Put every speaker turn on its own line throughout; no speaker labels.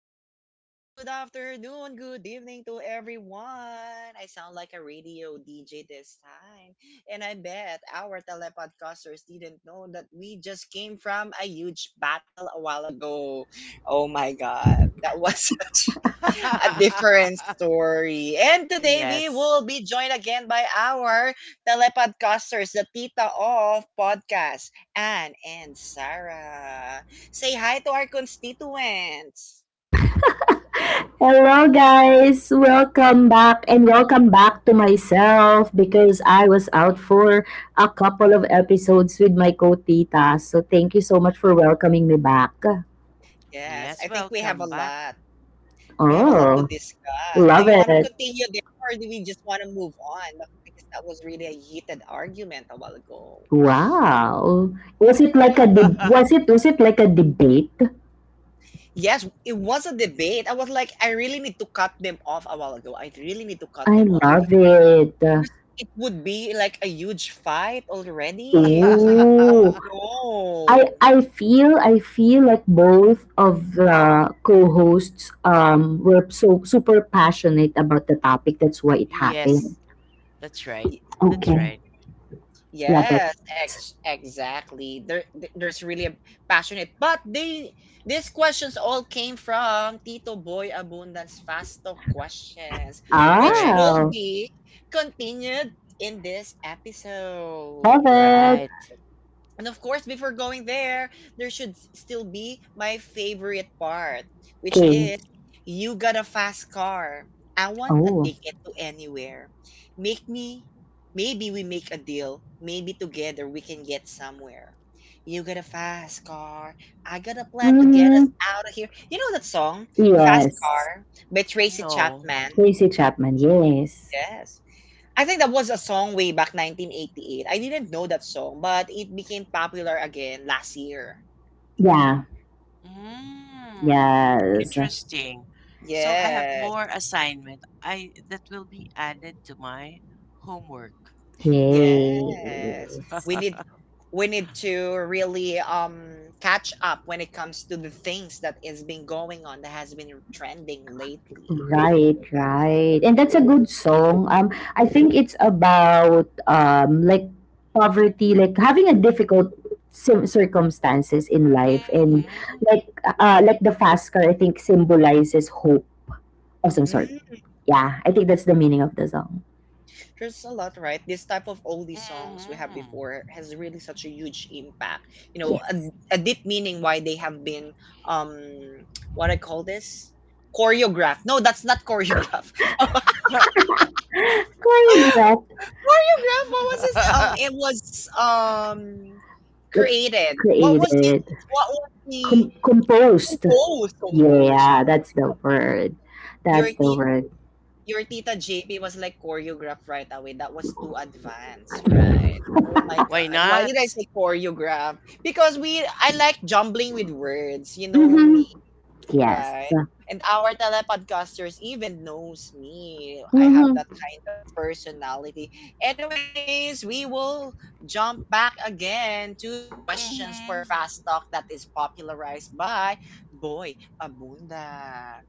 Good morning, good afternoon, good evening to everyone. I sound like a radio DJ this time. And I bet our telepodcasters didn't know that we just came from a huge battle a while ago. Oh my god. That was such a different story. And today we
Yes.
will be joined again by our telepodcasters, the Tita of Podcast, Anne and Sarah. Say hi to our constituents.
Hello guys, welcome back, and welcome back to myself because I was out for a couple of episodes with my co-tita. So thank you so much for welcoming me back.
Yes,
Yes, I think we have
welcome
a
back.
lot. We have a lot to
Oh,
discuss. Do
love
you want to
it.
continue there or do we just want to move on? Because that was really a heated argument a while ago.
Wow. Was it like a was it like a debate?
Yes, it was a debate. I was like, I really need to cut them off a while ago. I really need to cut
I
them off
love
because
it.
because it would be like a huge fight already. I was like, oh
Ooh, I
no.
I feel I feel like both of the co-hosts were so super passionate about the topic. That's why it
Yes,
happened.
that's right.
Y-
That's
Okay.
right.
Love it.
Yes, exactly. There, there's really a passionate, but they these questions all came from Tito Boy Abundance Fasto questions, which
Correct.
will
Oh,
be continued in this
love
episode, right?
it.
Right.
And of course, before going there, there should still be my favorite part, which
Okay.
is you got a fast car. I want a
Oh.
ticket to anywhere. Make me, maybe we make a deal. Maybe together we can get somewhere. You got a fast car. I got a plan to get
Mm-hmm.
us out of here. You know that song, Fast
Yes.
Car by Tracy
No.
Chapman?
Tracy Chapman. Yes.
Yes. I think that was a song way back 1988. I didn't know that song, but it became popular again last year.
Yeah.
Mm,
Yes.
interesting. So I have
Yes.
more assignment. I that will be added to my homework.
Yes. We
Yes.
need we need to really catch up when it comes to the things that is been going on that has been trending lately.
Right,
Right.
right. And that's a good song. I think it's about like poverty, like having a difficult circumstances in life, and
Hmm.
like like the fast car, I think, symbolizes hope of some sort.
Mm.
Yeah, I think that's the meaning of the song.
There's a lot, right? This type of oldie songs we have
Hmm.
before has really such a huge impact. You know,
Yes.
a deep meaning why they have been um what I call this choreograph. No, that's not choreograph.
Choreographed,
choreograph. What was this? It was um
like
created. What was it?
created,
What was the
composed.
compose? Compose.
Yeah, that's the word.
Your
That's the word.
Your tita JP was like choreograph right away. That was too advanced, right? Oh my
Why
God. Why
not?
did I say choreograph? Because we I like jumbling with words. You know
Mhm.
me,
Yes.
right? And our telepodcasters even knows me. I have
Mhm.
that kind of personality. Anyways, we will jump back again to the questions for
Hmm.
Fast Talk that is popularized by Boy Abunda.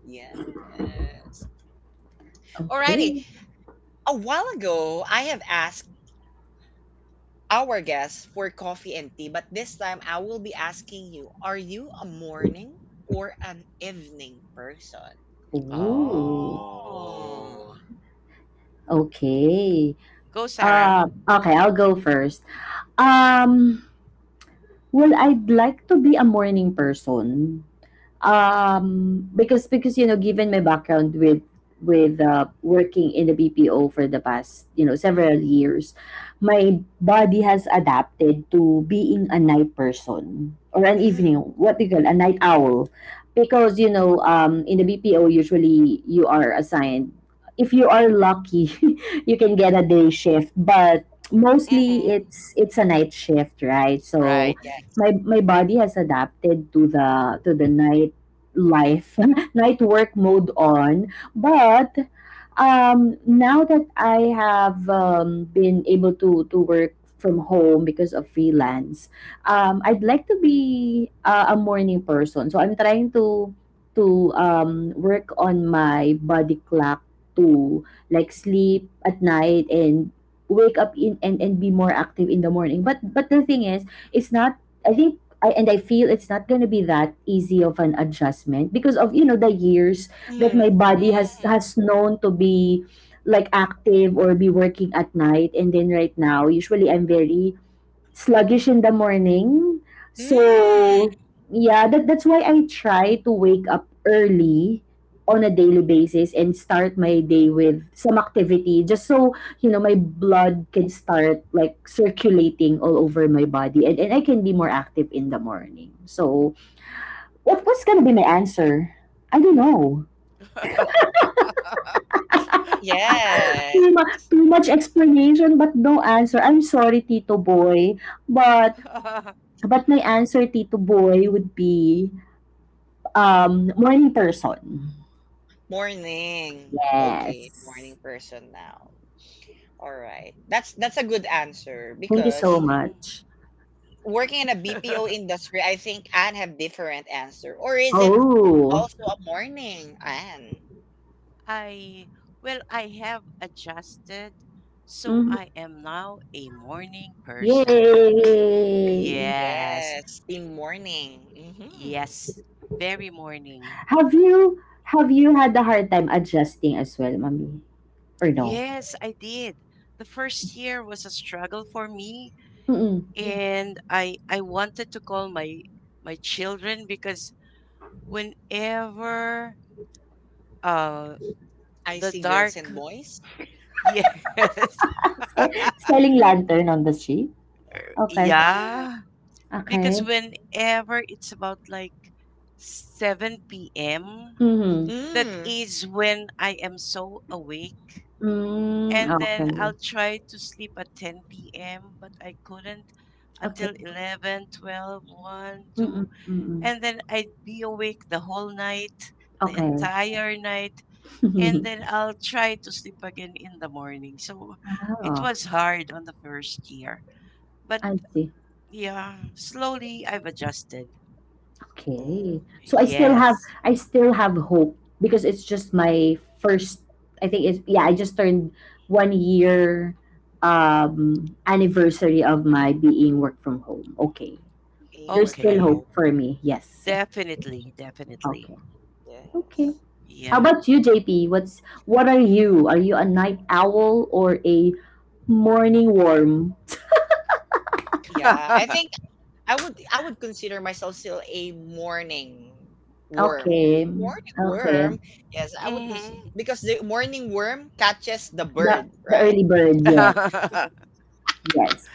Yes. Alrighty,
Okay.
a while ago, I have asked our guests for coffee and tea, but this time I will be asking you are you a morning or an evening person?
Ooh,
Oh.
Oh.
okay.
Go, Sarah.
Okay, I'll go first. Um, well, I'd like to be a morning person. Because you know, given my background with working in the BPO for the past, you know, several years, my body has adapted to being a night person, or an
Mm,
evening, what they call a night owl, because, you know, in the BPO usually you are assigned, if you are lucky, you can get a day shift, but mostly
Mm-hmm.
it's a night shift, right? So
Right.
yes.
my body has adapted to the night life, night work mode on. But now that I have been able to work from home because of freelance, I'd like to be a morning person. So I'm trying to work on my body clock to like sleep at night and wake up in, and be more active in the morning. But the thing is, it's not. I think and I feel it's not gonna be that easy of an adjustment because of, you know, the years that my
Mm,
body has known to be like active or be working at night, and then right now usually I'm very sluggish in the morning.
mm,
So,
Mm-hmm.
yeah, that 's why I try to wake up early on a daily basis and start my day with some activity, just so, you know, my blood can start like circulating all over my body, and I can be more active in the morning. So, what was going to be my answer? I don't know.
Mm-hmm.
yes.
Too much explanation but no answer. I'm sorry, Tito Boy, but my answer, Tito Boy, would be morning person.
Morning. Okay,
Yes.
morning person now. All right. That's a good answer
Thank you so
because
Mm-hmm.
much.
working in a BPO industry, I think Anne have different answer. Or is it
Oh,
also a morning, Anne?
I, well, I have adjusted, so
mhm.
I am now a morning person.
Yay!
Yes.
Yes, in morning. Hmm
Yes. Very morning.
Have you had a hard time adjusting as well, mommy? Or no?
Yes, I did. The first year was a struggle for me.
Mm-mm.
Yeah. And I wanted to call my children because whenever, uh
I
the
see girls and
dark.
boys.
Yes.
Eh, selling lantern on the street. Okay.
Yeah, because
Okay.
whenever it's about like 7 p.m.,
Mm-hmm.
that
Mm.
is when I am so awake,
Mm,
and then
okay.
I'll try to sleep at 10 p.m., but I couldn't
Okay.
until 11, 12, 1, 2,
Mm-mm. Mm-mm.
and then I'd be awake the whole night, the
Okay.
entire night, and then I'll try to sleep again in the morning. So it
Oh,
was hard on the first year, but
I see.
yeah, slowly I've adjusted.
Oh,
Okay. So
Yes.
I still have hope because it's just my first, I think it's, yeah, I just turned 1 year anniversary of my being work from home. Okay.
being work
There's
from
still
home.
Okay.
hope for me. Yes.
Definitely, definitely.
Okay.
Yes.
Okay. How
Yeah.
about you, JP? What are you? Are you a night owl or a morning worm?
Yeah, I think I would consider myself still a morning worm.
Okay.
Morning
Okay.
worm. Yes, I would consider
Mhm.
because the morning worm catches the
The
bird,
the
right?
early bird, yes. Yes.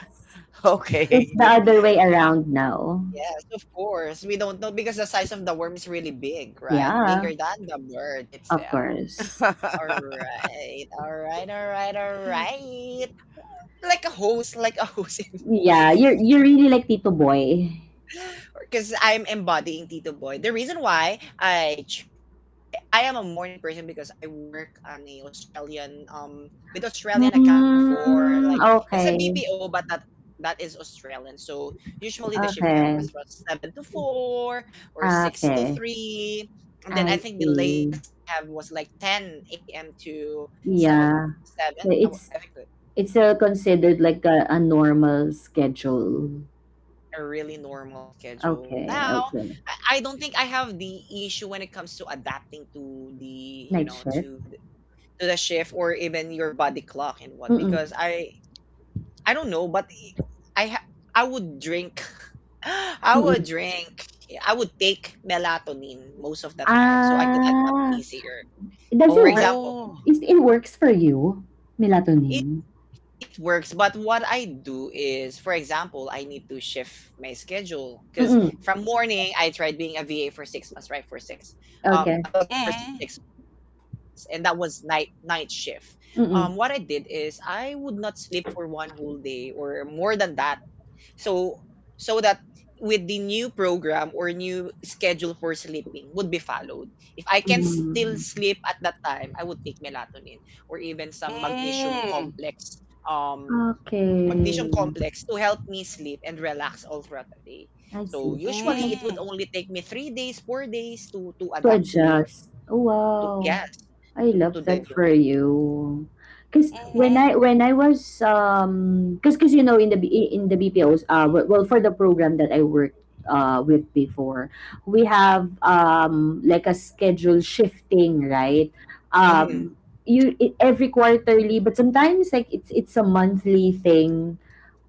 It's
Okay.
the
Ye-
other way around now.
Yes, of course. We don't know because the size of the worm is really big, right? Bigger
Yeah,
than the bird
of
itself.
course.
All right, all right, all right, all right. Like a host indoor,
Yeah, you're really like Tito Boy.
because I'm embodying Tito Boy. The reason why I ch- I am a morning person because I work on a Australian with Australian account before. Like
Mm,
it's a
okay,
BPO, but that is Australian. So usually the shift we have
okay,
was about 7 to 4 or six to
okay.
three. And then I
I
think the latest
see.
I have was like 10 a.m. to seven
Yeah.
seven.
So it's
I think
considered like a normal schedule.
a really normal schedule. Now,
Okay, okay.
I don't think I have the issue when it comes to adapting to the, you
Night
know,
shift.
to the shift or even your body clock and what
Mm-mm,
because I don't know, but I ha- I would drink I
mm-mm.
would drink I would take melatonin most of the time so I could adapt
Ah,
easier.
does it
For
work?
example,
Oh.
Is it works for you,
it
melatonin?
it works but what I do is for example I need to shift my schedule because
Mm-mm.
from morning I tried being a VA for 6 months right for six
Okay.
that was for six
Mm-hmm.
months and that was night shift. What I did
Mm-mm.
is I would not sleep for 1 whole day or more than that so that with the new program or new schedule for sleeping would be followed. If I can still
Mm.
sleep at that time, I would take melatonin or even some magnesium
Mm-hmm.
complex um
Okay.
magnesium complex to help me sleep and relax all throughout the day.
I see.
So
Okay.
usually it
Mm-hmm.
would only take me 3 days, 4 days to
To
adapt
adjust.
to
Wow.
yes,
I love
to the
that
new.
for you. Cause when I was cause, you know, in the in the BPOs, well, for the program that I worked with before, we have like a schedule shifting, right?
Mhm.
um every quarterly, but sometimes like it's a monthly thing.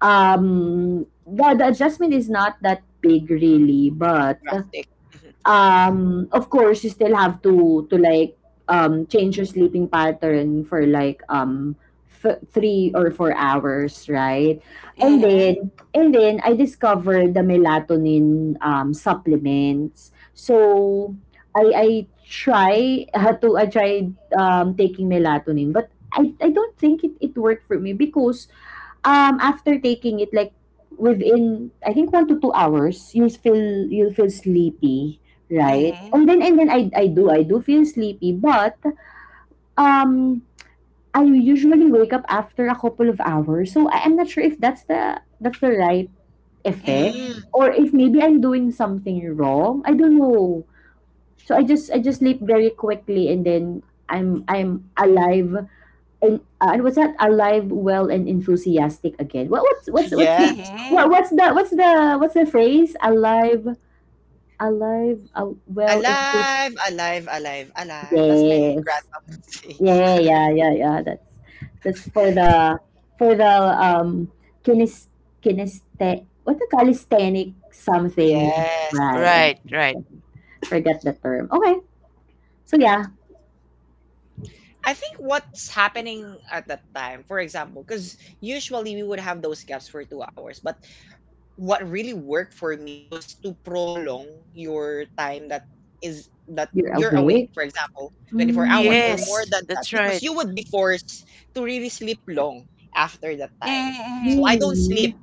The adjustment is not that big really, but
Drastic. Mhm.
of course you still have to like change your sleeping pattern for like 3 or 4 hours, right? And then
Mm-hmm.
I discovered the melatonin supplements, so I try had to I tried taking melatonin, but I don't think it worked for me because after taking it like within, I think, 1 to 2 hours, you feel, you'll feel sleepy, right?
Mm-hmm.
And then I do feel sleepy, but um I usually wake up after a couple of hours. So I am not sure if that's the right effect,
Mm-hmm.
Mm,
or if maybe I'm doing something wrong. I don't know. So I just sleep very quickly, and then I'm alive and what's that, alive, well, and enthusiastic again. What's the
yes.
Mm-hmm.
what's the phrase? Alive well, enthusiastic.
Alive, alive, alive, alive. That's my
Yes.
grandma would say. Alive.
Yeah. That's for the for the um kines, kineste what, the calisthenic something.
Yes.
Right, right.
Right, right.
Forget the term. Okay. So yeah,
I think what's happening at that time, for example, because usually we would have those gaps for 2 hours, but what really worked for me was to prolong your time is that
you're
you're awake,
awake.
for example, 24 hours
Mm,
or more
Yes,
than that,
that's
because
right.
you would be forced to really sleep long after that time. So I
Mm-hmm.
don't
really?
sleep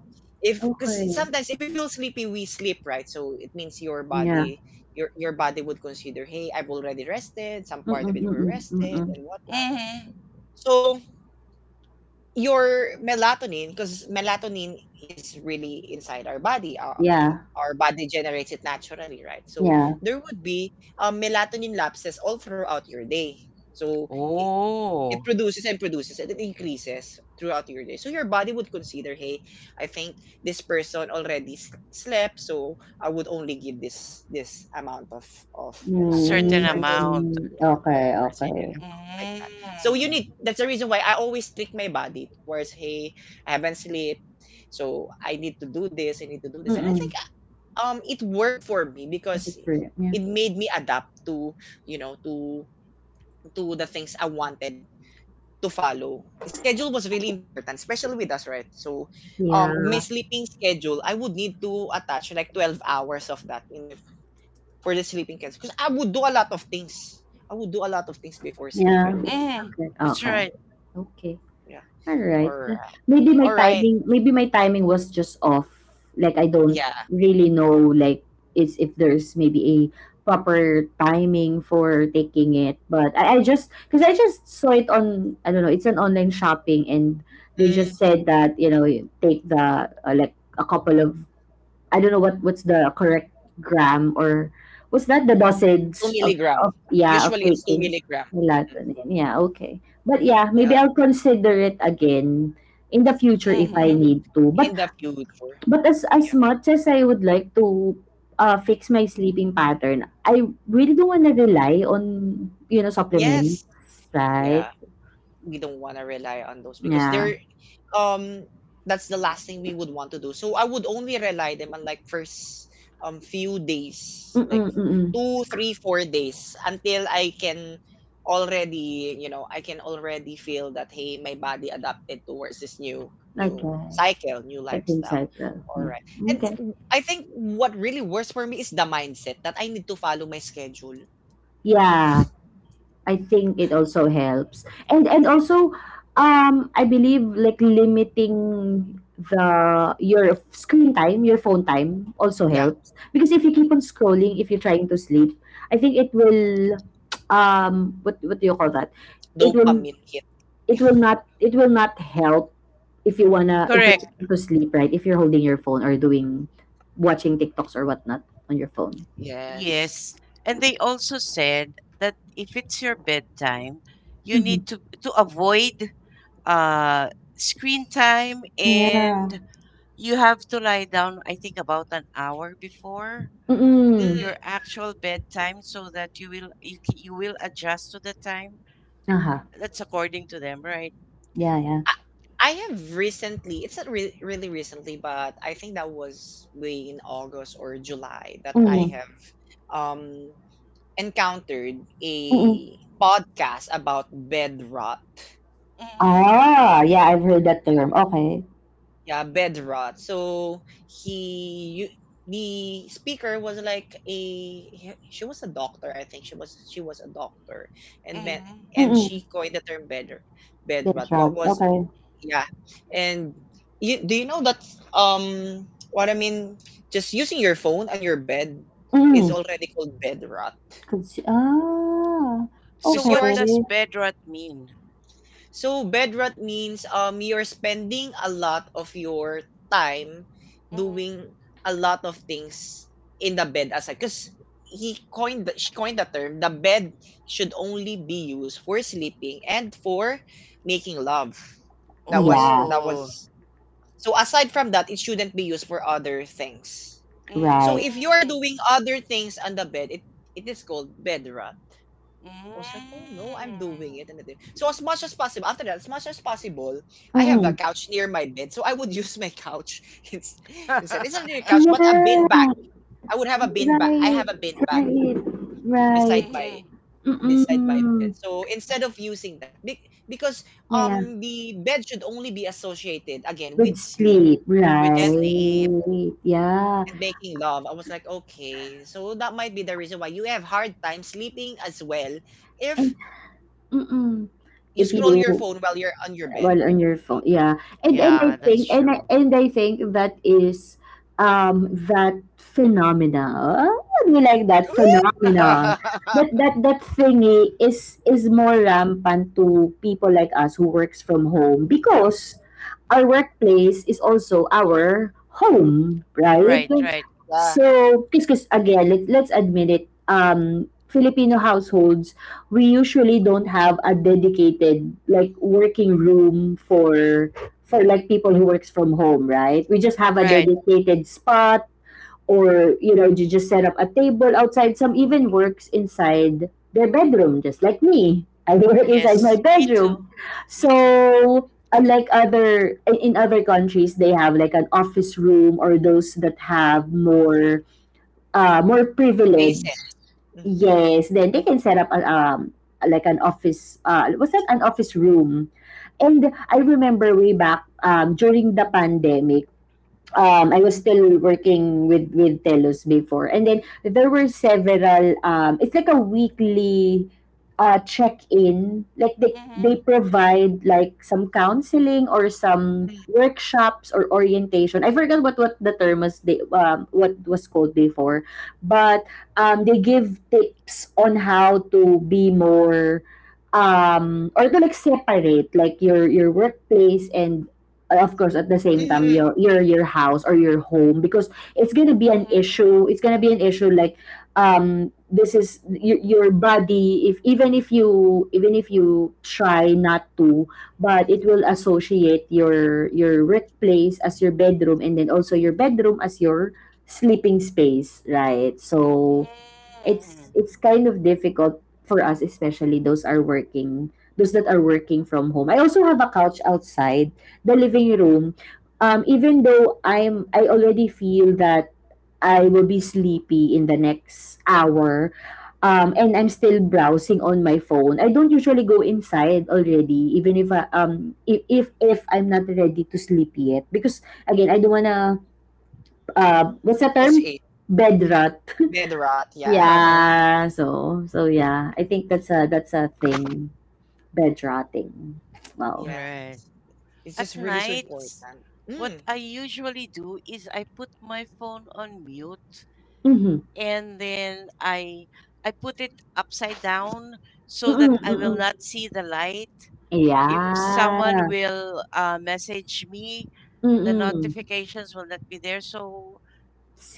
if because
Okay.
sometimes if you feel sleepy we sleep, right? So it means your
Yeah.
body your body would consider, hey, I've already rested, some part
Mm-mm,
of it were
mm-mm,
rested
mm-mm.
and whatnot.
Mm-hmm.
So your melatonin, because melatonin is really inside our body,
Yeah.
our body generates it naturally, right? So
Yeah.
there would be melatonin lapses all throughout your day, so it
Oh,
produces and produces and it increases throughout your day. So your body would consider, hey, I think this person already slept, so I would only give this amount of melatonin
certain
for this,
amount.
Mm,
yeah,
okay,
for
okay.
certain, like that. So you need.
Mm-hmm.
That's the reason why I always trick my body towards, hey, I haven't slept, so I need to do this, I need to do this, and I think
Mm-mm.
it worked for me
That is
because
true. Yeah.
it made me adapt to, you know, to the things I wanted to follow. Schedule was really important, especially with us, right? So,
Yeah.
my sleeping schedule, I would need to attach like 12 hours of that in the, for the sleeping schedule. Because I would do a lot of things. I would do a lot of things before sleep. I
Yeah.
don't know.
Mm-hmm.
Okay.
That's
Okay.
right.
Okay.
Yeah.
All
All
right.
right.
Maybe my
All right.
timing, was just off. Like I don't
Yeah.
really know like is if there's maybe a proper timing for taking it. But I just, because I just saw it on, I don't know, it's an online shopping, and they just
Mm,
said that, you know, you take the like a couple of, I don't know what 's the correct gram, or was that the
two
dosage of,
milligram.
of yeah, of
Usually it's two
taking
milligram. Hmm
melatonin? Yeah, okay. But yeah, maybe
Yeah.
I'll consider it again in the future if I
Mm-hmm.
need to. But
In the future.
as
Yeah.
much as I would like to fix my sleeping pattern, I really don't want to rely on, you know, supplements,
Yes.
right?
Yeah. We don't want to rely on those because
Yeah.
they're um that's the last thing we would want to do. So I would only rely them on like first few days,
Mm
like
mm mm. Mm.
2, 3, 4 days until I can already, you know, I can already feel that, hey, my body adapted towards this new
Okay.
cycle, new
Like the
lifestyle.
cycle.
All
Yeah.
right.
Okay.
And I think what really works for me is the mindset that I need to follow my schedule.
Yeah. I think it also helps. And also I believe like limiting the screen time, your phone time also
Yeah.
helps, because if you keep on scrolling if you're trying to sleep, I think it will what do you call that? It will
Dopamine hit.
it will not help if you wanna, if you're
Correct.
trying to sleep, right? If you're holding your phone or doing watching TikToks or whatnot on your phone.
Yes.
Yes. And they also said that if it's your bedtime, you need
Mm-hmm.
to avoid uh screen time, and
Yeah.
you have to lie down, I think about an hour before
Mm-mm.
your
Mm.
actual bedtime so that you will adjust to the time,
Uh-huh.
that's according to them, right?
Yeah, yeah.
I have recently, it's not re- really recently, but I think that was way in August or July that I
Mm-hmm.
have um, encountered
Mm.
a podcast about bed rot.
Mm-hmm.
Ah, yeah, I've heard that term. Okay.
Yeah, bed rot. So he, you, the speaker was like a, she was a doctor. I think she was a doctor, and then
Mm-hmm.
and
Mm.
she coined the term bed
Dead
rot.
shot.
What was
Okay.
Yeah. And you, do you know that um what I mean? Just using your phone on your bed is
Mm.
already called bed rot.
Consi, ah,
So
Because
okay.
what
yours
does bedrot mean?
so bed rot means you're spending a lot of your time
Mm-hmm.
doing a lot of things in the bed aside. Because she coined the term the bed should only be used for sleeping and for making love.
Yeah,
That was
Oh.
So aside from that, it shouldn't be used for other things. So
right.
if you are
Mm-hmm.
doing other things on the bed, it is called bed rot. I was like, oh no, I'm doing it. And it- so as much as possible, after that, as much as possible, I have a
Mm.
couch near my bed. So I would use my couch ins- instead. It's not really a
Mm-hmm.
couch, but a bin
Yeah,
bag. I would have a bin bag. I
right,
have a bin bag
right, right.
beside
Mm-hmm.
my beside my bed.
Mm.
So instead of using that, be- because
Yeah, yeah.
the bed should only be associated again
With
with sleep
sleep,
With sleep.
right. Yeah.
and making love. I was like, okay, so that might be the reason why you have hard time sleeping as well
And
if
mm.
you
If
scroll your
you
phone while you're on your
while
bed.
on your phone. Yeah. And
Yeah,
I
that's
think,
true.
and I think that is that phenomena. Oh, do you like that
Woo!
phenomena? That thingy is more rampant to people like us who works from home, because our workplace is also our home,
Right,
right?
right.
Yeah.
So, because again, let's admit it, Filipino households, we usually don't have a dedicated like working room for like people who works from home, right? We just have a
Right.
Yes,
dedicated spot, or you know, you just set up a table outside. Some even works inside their bedroom, just like me. I work
Yes,
inside my
me too.
bedroom.
Me too.
So unlike other, in other countries, they have like an office room, or those that have more more privilege.
faces.
Yes, then they can set up a, like an office, was that an office room. And I remember way back during the pandemic, I was still working with Telos before, and then there were several. It's like a weekly check-in. Like they
Mm-hmm.
provide like some counseling or some workshops or orientation. I forgot what the term was. They what was called before, but they give tips on how to be more or to like separate like your workplace and of course at the same time
Mm-hmm.
your house or your home because it's gonna be an issue it's gonna be an issue like this is your body if even if you try not to but it will associate your workplace as your bedroom, and then also your bedroom as your sleeping space, right? So
Mm-hmm.
it's kind of difficult for us, especially those that are working from home. I also have a couch outside the living room. Even though I already feel that I will be sleepy in the next hour and I'm still browsing on my phone, I don't usually go inside already, even if I'm not ready to sleep yet, because again, I don't wanna what's the term,
Associate.
bed rot.
Bed rot. Yeah.
Mm-hmm.
Yeah, so yeah, I think that's a thing. Bed rotting. Wow.
Yeah.
Right.
It's
At
just really so important.
nights, what
Mm.
I usually do is I put my phone on mute,
Mhm.
and then I put it upside down so that
Mm-mm,
I
hmm
will
mm-mm.
not see the light. If
Yeah.
someone will message me, the
Mm-mm.
notifications will not be there. So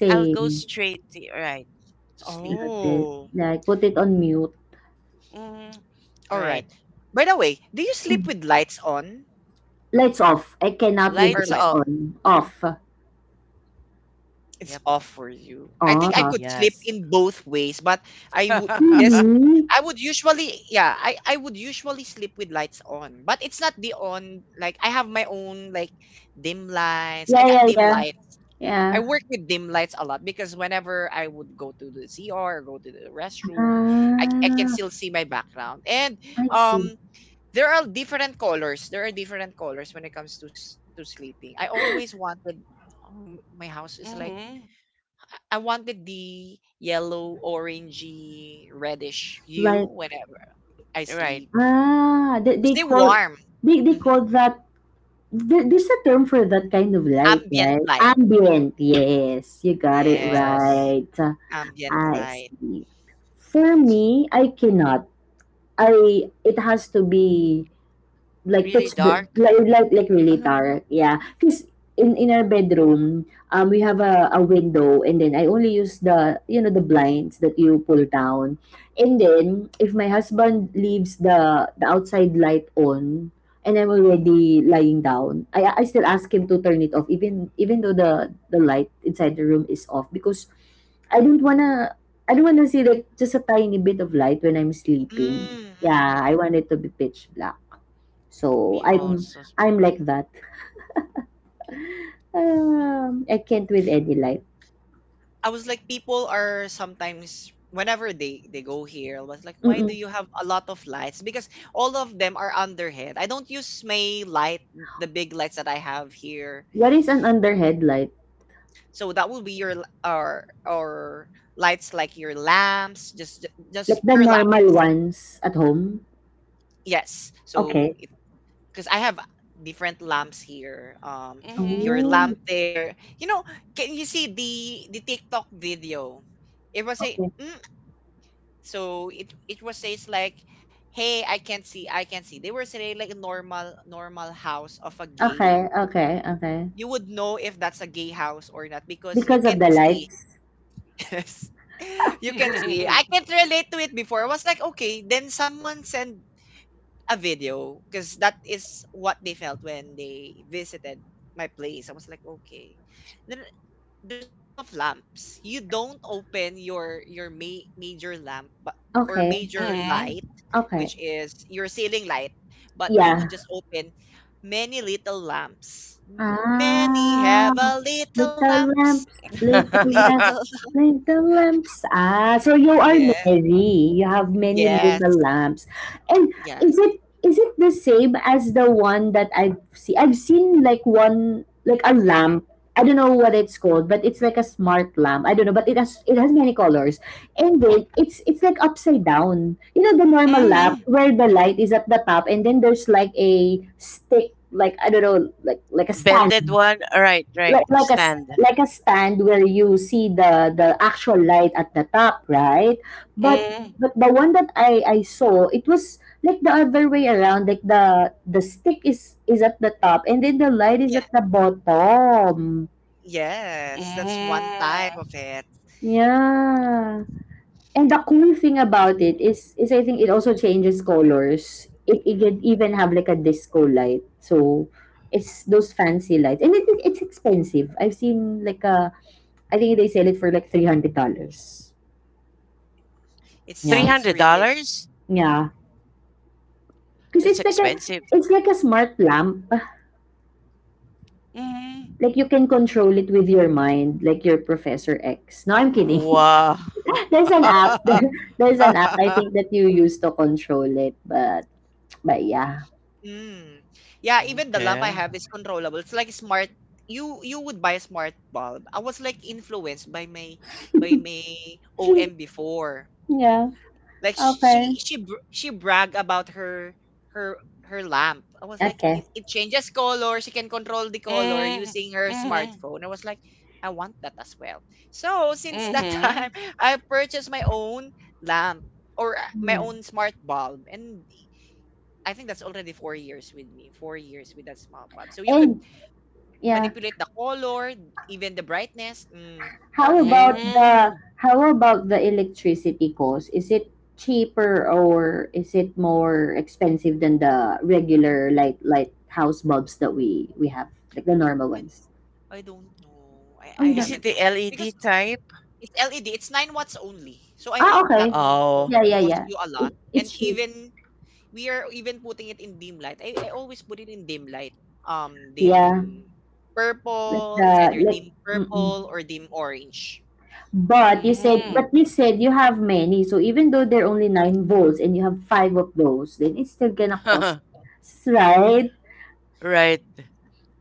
I'll go straight to, right, to sleep.
Love it.
Oh.
Like, put it on mute.
Hmm.
All
Right.
right. By the way, do you sleep
Mm.
with lights on
Lights off. I cannot with
Lights
or light?
lights
off.
on. Off.
It's
Yep.
off for you. I think I
Oh.
could sleep
Yes.
in both ways, but I would this
Really?
I would usually yeah, I would usually sleep with lights on. But it's not the on, like I have my own like dim lights. I
Yeah,
got
yeah,
dim
yeah.
lights. I
Yeah.
work with dim lights a lot because whenever I would go to the CR or go to the restroom, I can
Ah,
still see my background. And
I see.
um there are different colors. There are different colors when it comes to sleeping. I always wanted oh, my house is like
Hmm.
I wanted the yellow, orangey, reddish hue
Like,
whenever I
Right.
sleep.
ah, they,
It's
they
they
call
warm.
they they
hmm
call that. There's a term for that kind of light,
Ambient
right?
light.
Ambient, yes. You got it
Yes,
Yes.
right.
ambient
I
light.
see. For me, I cannot. I, it has to be like
Really
pitch bl-
dark?
like really
Ah,
dark, yeah, because in our bedroom, we have a window, and then I only use the, you know, the blinds that you pull down. And then if my husband leaves the outside light on and I'm already lying down, I still ask him to turn it off, even though the light inside the room is off, because i don't wanna I don't wanna see like just a tiny bit of light when I'm sleeping.
mm
Yeah,
mm.
I want it to be pitch black. so
me
I'm
also.
I'm like that. I can't with any light.
I was like, people are sometimes whenever they go here, I was like, why do
Mm-mm.
you have a lot of lights? Because all of them are underhead. I don't use my light, the big lights that I have here,
What is an underhead light?
so that will be your l- or lights like your lamps,
Like
just
the
pure lamp.
normal ones at home?
Yes, so
Okay.
because I have different lamps here.
Mm-hmm.
Your
Oh,
lamp there, you know, can you see the TikTok video? It was a
okay.
so it was says like, hey, I can't see, I can't see. They were saying like a normal house of a gay,
Okay, okay, okay.
you would know if that's a gay house or not because you
Because of
can't
the
see.
lights.
Yes. You can see. I can't relate to it before. I was like, okay, then someone send a video because that is what they felt when they visited my place. I was like, okay. Then there's a lot of lamps. You don't open your major lamp but, or
Okay.
major light,
Mm-hmm.
Okay.
which is your ceiling light, but you
Yeah.
would just open many little lamps. Many have
Ah,
a little
little
lamps.
lamps, little
Little.
lamps, little lamps. Ah, so you are
Yes.
merry. You have many
Yes.
little lamps. And
Yes.
is it the same as the one that I've seen? I've seen like one, like a lamp. I don't know what it's called, but it's like a smart lamp. I don't know, but it has many colors. And then it's like upside down. You know the normal lamp
Mm-hmm.
where the light is at the top, and then there's like a stick, like I don't know, like a
Bended
stand,
one? Right, right.
like like a
Stand.
like a stand where you see the actual light at the top, right? But
Mm-hmm.
but the one that I saw, it was like the other way around. Like the stick is at the top and then the light is
Yeah.
at the bottom.
Yes, that's one type of it.
Yeah. And the cool thing about it is I think it also changes colors. It can even have like a disco light. So it's those fancy lights. And it's expensive. I've seen like a I think they sell it for like $300.
It's
Yeah.
it's really
$300?
mm,
Yeah. Cause
That's
it's like a
expensive.
smart lamp.
Mm-hmm.
Like you can control it with your mind, like your Professor X. No, I'm kidding.
Wow.
There's an app. There's an app, I think, that you use to control it, but yeah.
mm. Yeah, even the lamp I
Okay.
have is controllable. It's like smart. You would buy a smart bulb. I was like influenced by my OM before.
Yeah.
Like she she brag about her her lamp. I was like,
Okay.
it changes color. She can control the color
Mm-hmm.
using her smartphone. I was like, I want that as well. So since that
Mm-hmm.
time, I purchased my own lamp, or my
Yeah.
own smart bulb, and I think that's already 4 years with me. 4 years with that smart bulb. So you could
And yeah,
manipulate the color, even the brightness. Perfect.
Mm-hmm.
how about the electricity cost? Is it cheaper or is it more expensive than the regular light house bulbs that we have, like the normal
I
ones?
I don't know.
Oh,
I
you
Is
don't know.
it
haven't
the
noticed
LED
because
type?
it's LED. It's 9 watts only. So I
Ah,
think that
okay.
won't
Oh.
Yeah, yeah,
cost
yeah.
you a lot.
It,
And
it's cheap.
even we are even putting it in dim light. I always put it in dim light.
Yeah,
Dim
like
purple.
the
It's either
like.
dim
Mm-mm.
purple or dim orange.
But you said,
Mm-hmm.
but you said you have many. So even though they're only nine volts and you have five of those, then it's still gonna cost, right?
Right.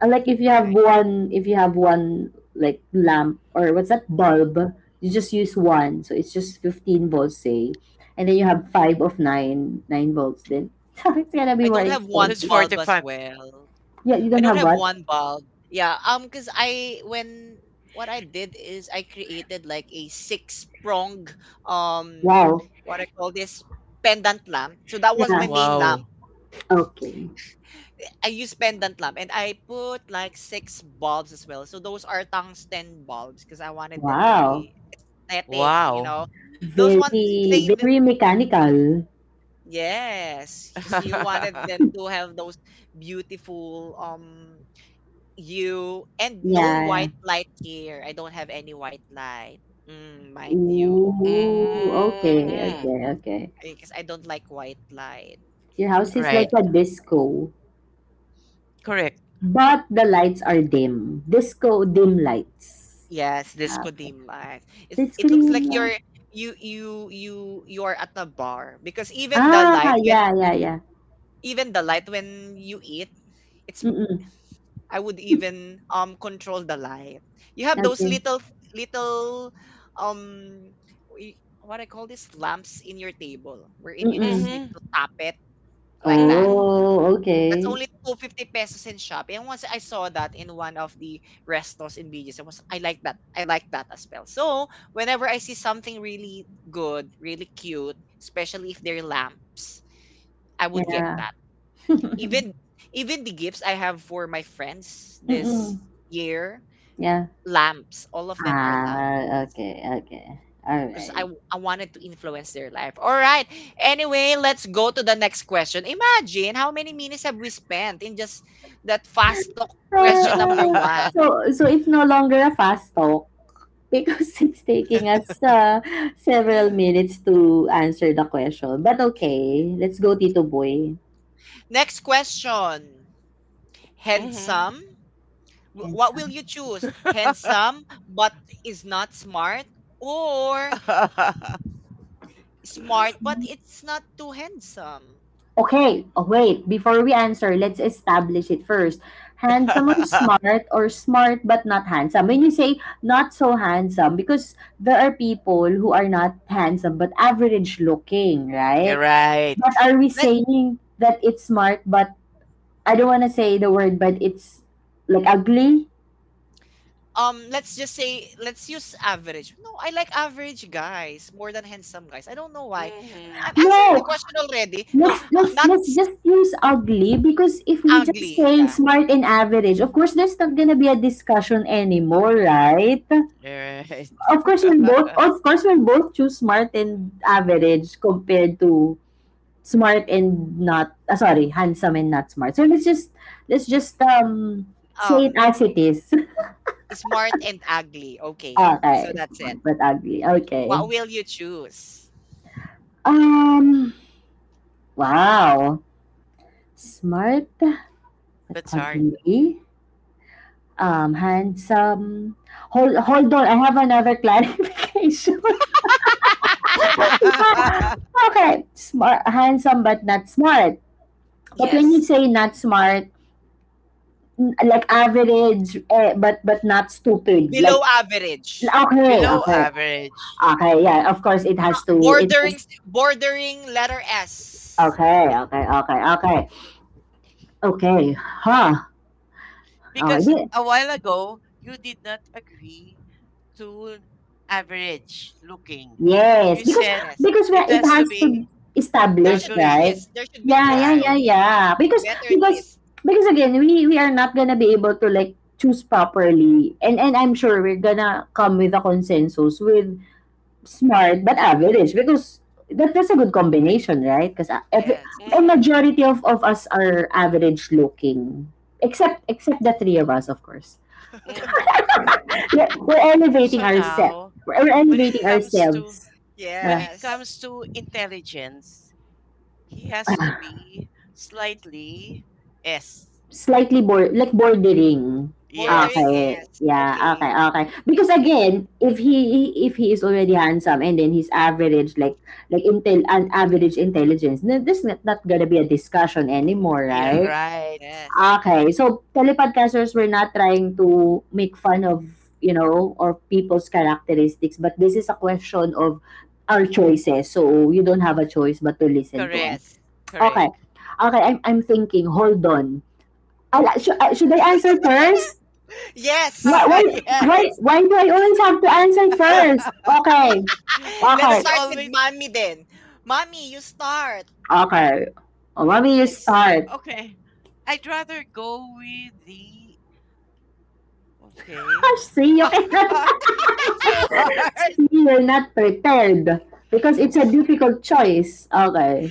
Like
Right.
if you have one like lamp or what's that bulb, you just use one, so it's just 15 volts, say, and then you have five of nine volts, then so it's gonna be
I
more
don't have
That's
one
expensive.
bulb as
45.
well.
Yeah, you
I
don't
don't
have
have
what.
one bulb. Yeah, cuz I when what I did is I created like a 6 prong um
Wow.
what I call this pendant lamp. So that was
Yeah.
my main lamp.
Wow.
Okay.
I use pendant lamp and I put like 6 bulbs as well. So those are tungsten bulbs because I wanted them to
Wow.
be aesthetic, you
Wow.
know. Those one
Very
thing that,
very mechanical.
yes, because you wanted them to have those beautiful you and no
Yeah.
white light here. I don't have any white light. Mm, mind you.
Ooh,
Hmm.
okay, okay, okay.
Because I don't like white light.
Your house is like
Right.
a disco,
Correct.
but the lights are dim disco dim lights.
Yes, disco
Ah, okay.
dim lights. It's,
The
it looks like
screen
you're
lang.
you you you you're at a bar because even the
Ah,
light when,
yeah, yeah, yeah.
even the light when you eat, it's m-
Mm.
I would even control the light. You have those
Okey.
little um what I call this lamps in your table wherein you just
Mm.
need
Mm-hmm.
to tap it like that.
Mm-hmm.
Oh,
That's
okay.
only 250 pesos in Shopee. And once I saw that in one of the restos in BGC, I like that. I like that as well. So whenever I see something really good, really cute, especially if they're lamps, I would get
Yeah.
that. Even even the gifts I have for my friends this
Mm.
year,
Yeah.
lamps. All of them are lamps.
Ah, okay, okey.
Because
Alright.
I wanted to influence their life. All right. Anyway, let's go to the next question. Imagine how many minutes have we spent in just that fast talk
Ah,
question number one.
so it's no longer a fast talk because it's taking us, ah, several minutes to answer the question, but
Yeah.
okay. Let's go Tito Boy.
Next question. Handsome. What will
Handsome.
you choose? Handsome but is not smart, or
Mm-hmm.
smart but it's not too handsome?
Okay, oh, wait. Before we answer, let's establish it first. Handsome or smart, or smart but not handsome. When you say not so handsome, because there are people who are not handsome but average looking,
You're
right?
right.
But are we
Let
saying that it's smart but, I don't want to say the word, but it's like ugly?
let's just say, let's use average. No, I like average guys more than handsome guys. I don't know why.
Mm-hmm.
I'm answering the
No.
question already. No
Let's let's
not
let's
s-
just use ugly, because if we just
ugly,
say
yeah.
smart and average, of course there's not gonna be a discussion anymore, right?
You're right.
Of course, we'll both of course we'll both choose smart and average compared to smart and not sorry, handsome and not smart. So let's just say it
um
as it is.
Smart and ugly, okay. So
Okay,
that's
smart
it,
but ugly. Okay.
what will you choose?
Um, wow. Smart but
That's hard.
ugly. Um, handsome. Hold on, I have another clarification. Yeah. Okay. Smart, handsome but not smart. But when you
Yes,
say not smart, like average, eh, but not stupid like,
below average,
okay,
Below
okay,
average.
okay. Yeah, of course it has to, it has,
bordering. Bordering letter S.
okay, okay, okay, okay, okay, huh, okay,
Because
di-,
a while ago you did not agree to average looking.
yes,
You
because
said
Yes,
because well,
it
it
has
has
to be
to
there
establish,
should be
ugly,
right?
twist, there should be
Yeah, yeah,
twist
yeah,
right?
okay.
yeah. because
Better
because
twist.
because again, we are not gonna be able to like choose properly, and I'm sure we're gonna come with a consensus with smart but average, because that's a good combination, right? Because every,
Yes,
a
Hmm.
majority of us are average looking, except the three of us, of course.
Hmm.
We're elevating
So
ourselves.
now,
We're
when it
elevating
comes to
ourselves. Uh,
when it
yes.
comes to intelligence, he has to be slightly S.
slightly like bordering.
Bordering
Yes,
Okay,
S.
yeah, okay,
Okay.
okay. Because again, if he is already handsome, and then he's average, like intel an average intelligence, then this is not gonna be a discussion anymore, right?
right,
Yes.
Okay, so telepodcasters, we're not trying to make fun of, you know, or people's characteristics, but this is a question of our choices. So you don't have a choice but to listen to us.
correct,
Yes.
Okay.
correct.
Okay, I'm thinking, hold on. Ala, should I answer first? Why,
Yes!
why, why,
Yes.
why do I always have to answer first? Okay.
Let's
Because
Okay.
you
start with
always.
mommy then. Mommy, you start.
Okay. Oh, mommy, you
Yes.
start.
Okay. I'd rather go with the. Okay.
See, you cannot,
It's so hard.
see, you're not prepared because it's a difficult choice. Okay.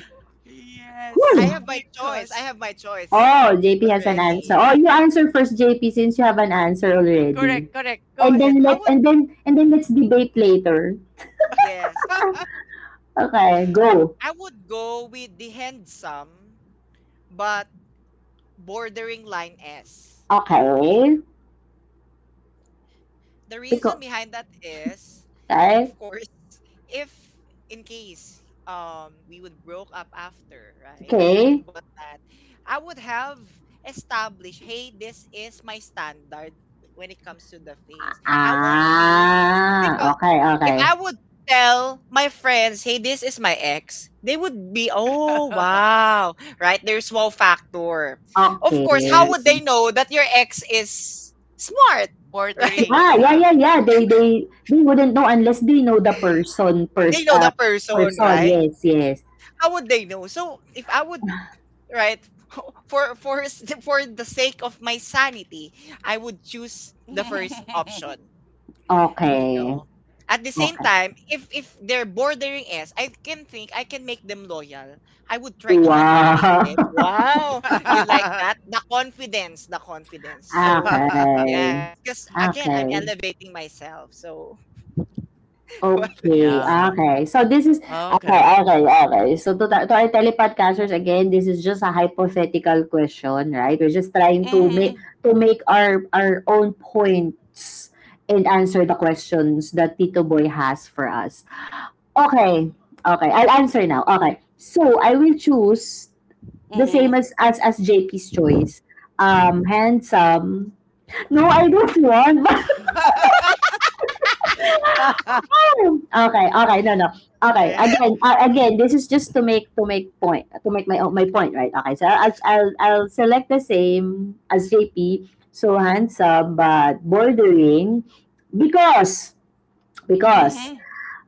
I
Yes,
Whew.
have my choice. I
because.
have my choice
Oh, JP has an answer.
already.
Oh, you answer first, JP, since you have an answer already.
Correct, correct. Go
And
ahead.
then
I would,
let's debate later.
yes.
Okay, go.
I would go with the handsome, but bordering line S.
Okay.
The reason
Because
behind that is, of
okay.
course, if in case we would broke up after, right?
Okay.
And what that I would have established, hey, this is my standard when it comes to the face. I won't be
Ah,
because
okay,
if
okay.
I would tell my friends, hey, this is my ex, they would be, oh wow, right? There's wow factor. Of
Okay.
course, how would
Yes.
they know that your ex is smart? Right?
Bordering,
Yeah, yeah,
yeah.
yeah, yeah. They wouldn't know unless they know the person
They
first,
know the person,
person.
right?
Yes, yes.
How would they know? So if right, for the sake of my sanity, I would choose the first option. You
Okay.
know. At the same
Okay.
time, if they're bordering us, I can make them loyal. I would try to manipulate
Wow.
them. Wow, you like that? The confidence, the confidence. So
Okay.
yes, because again, I'm
Okay.
elevating myself. So
Okay.
Yeah.
Okay. So this is okay,
Okay.
okay, okay. So to our telepodcasters, again, this is just a hypothetical question, right? We're just trying
Mhm.
to make our own points and answer the questions that Tito Boy has for us. Okay. Okay. I'll answer now. Okay. So I will choose the same
Mhm.
as as JP's choice. Handsome. No, I don't want. Okay. Okay. No, no. Okay.
Eh,
Again, again, this is just to make my point, right? Okay. So I'll select the same as JP. So handsome but bordering, because because
mhm.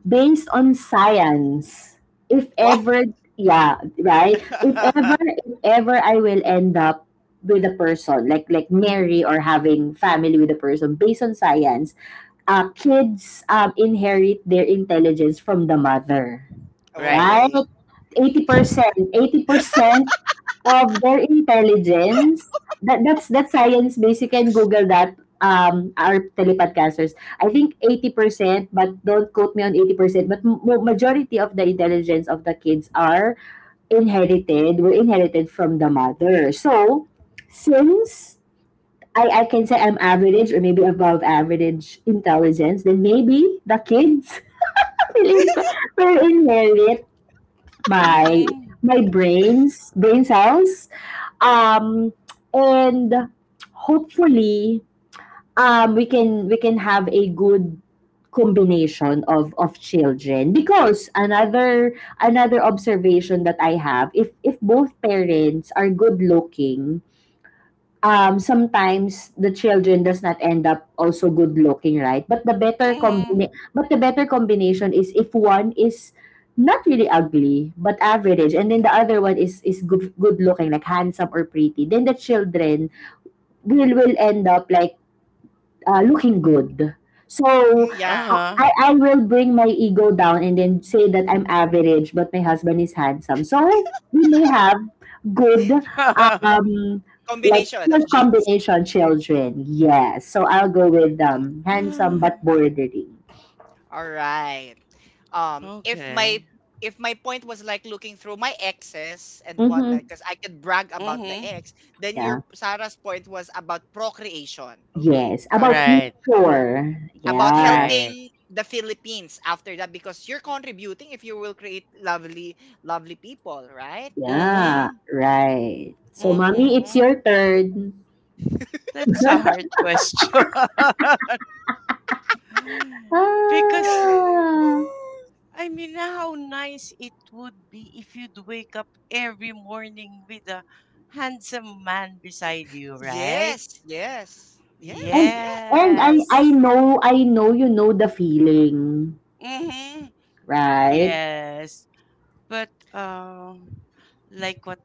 based on science, if
wow,
ever, yeah, right? If ever I will end up with a person, like marry or having family with a person, based on science, kids inherit their intelligence from the mother,
Right.
right?
okay.
80%, 80% of their intelligence. That's science based. You can Google that. Our telepodcasters, I think 80%, but don't quote me on 80%. But majority of the intelligence of the kids are inherited. Were inherited from the mother. So since I can say I'm average or maybe above average intelligence, then maybe the kids will, in- will inherit my
Mhm.
brains, brain cells, um, and hopefully um, we can have a good combination of children, because another, another observation that I have, if both parents are good looking, sometimes the children does not end up also good looking, right? But
Mhm.
but the better combination is if one is not really ugly but average, and then the other one is good, good looking, like handsome or pretty, then the children will end up like, looking good. So
Mm, yeah.
Uh-huh.
I will bring my ego down and then say that I'm average, but my husband is handsome. So we may have good, um, like
Combination of
good
genes.
combination children. Yes. So I'll go with um, handsome but bordering.
All right. Um, if
Okay.
my if my point was like looking through my exes and
Mm-hmm.
whatnot, because I could brag
Mm.
about the
Mhm.
ex, then
Yeah.
your Sarah's point was about procreation. Okay,
Yes.
got
About
it.
Right.
future.
About
Yeah.
Right.
helping the Philippines after that, because you're contributing if you will create lovely, lovely people, right? Okay,
Yeah.
Mhm.
Right. So mommy,
okay.
it's
Mhm.
your turn.
That's a hard question. Because
Ah.
I mean how nice it would be if you'd wake up every morning with a handsome man beside you, right?
Yes, yes, yes,
And
yes.
and I
Yes.
know, I know you know the feeling,
Mm. Mhm.
right?
Yes. But like what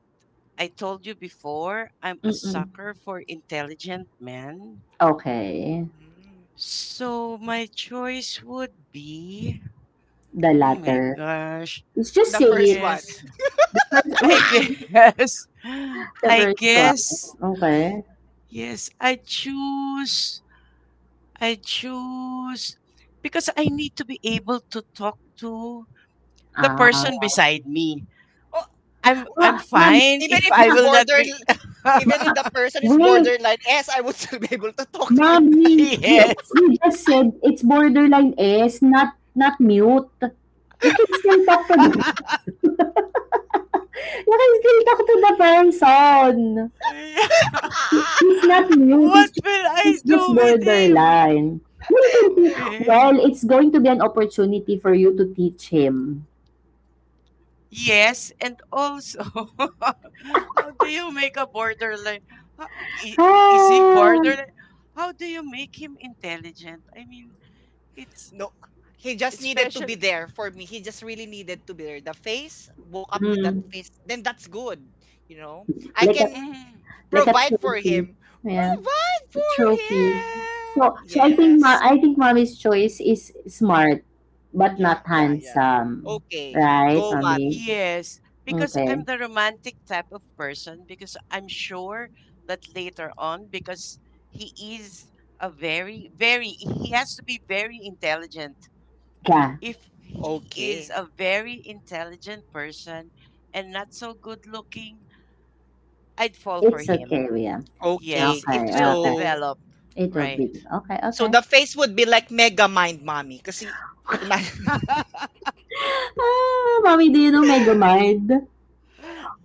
I told you before, I'm a
Mm-mm.
sucker for intelligent men.
Okay,
Mm.
So my choice would be,
the
oh my
latter.
gosh,
Let's just
The
say
first
it.
one.
yes,
The first
I
wait,
guess,
the
I
first one.
guess,
Okay.
yes, I choose, because I need to be able to talk to the person
Ah,
beside me.
Oh,
I'm
ah, ma'am,
fine
even
if
if
I
it's
will not
border,
be.
even if the person is
wait,
borderline S, I would still be able to talk with
ma'am,
him.
Yes.
we just said it's borderline S, not not mute. You can still talk to the you can still talk to the person.
Yeah.
He's not mute.
What will I
He's just
do with him?
borderline. Well, it can be,
Okay.
well, it's going to be an opportunity for you to teach him.
Yes, and also, how do you make a borderline? ho- i- Is he
Ah,
borderline? How do you make him intelligent? I mean, it's
No, he just needed to be
especially.
there for me. He just really needed to be there. The face, walk up with that
mm,
face, then that's good. You know, I
like a
can
Mm,
like a
provide for
trophy.
him.
Yeah,
Provide
a
for
trophy. So
him.
so I think ma-
Yes.
I think mommy's choice is smart but not
Yeah, yeah, yeah.
handsome,
Okay.
right,
Go,
mommy?
mommy.
yes, because
Okay.
I'm the romantic type of person, because I'm sure that later on, because he is he has to be very intelligent,
Yeah,
if he is
Okay.
a very intelligent person and not so good looking, I'd fall for
it's okay,
him.
Liam.
Yes,
Okay.
Okay,
it will
okay.
So,
develop.
It will be
Right.
okay,
so
okay.
the face would be like mega mind, mommy. Kasi, imagine.
Ah, mommy, do you know Megamind?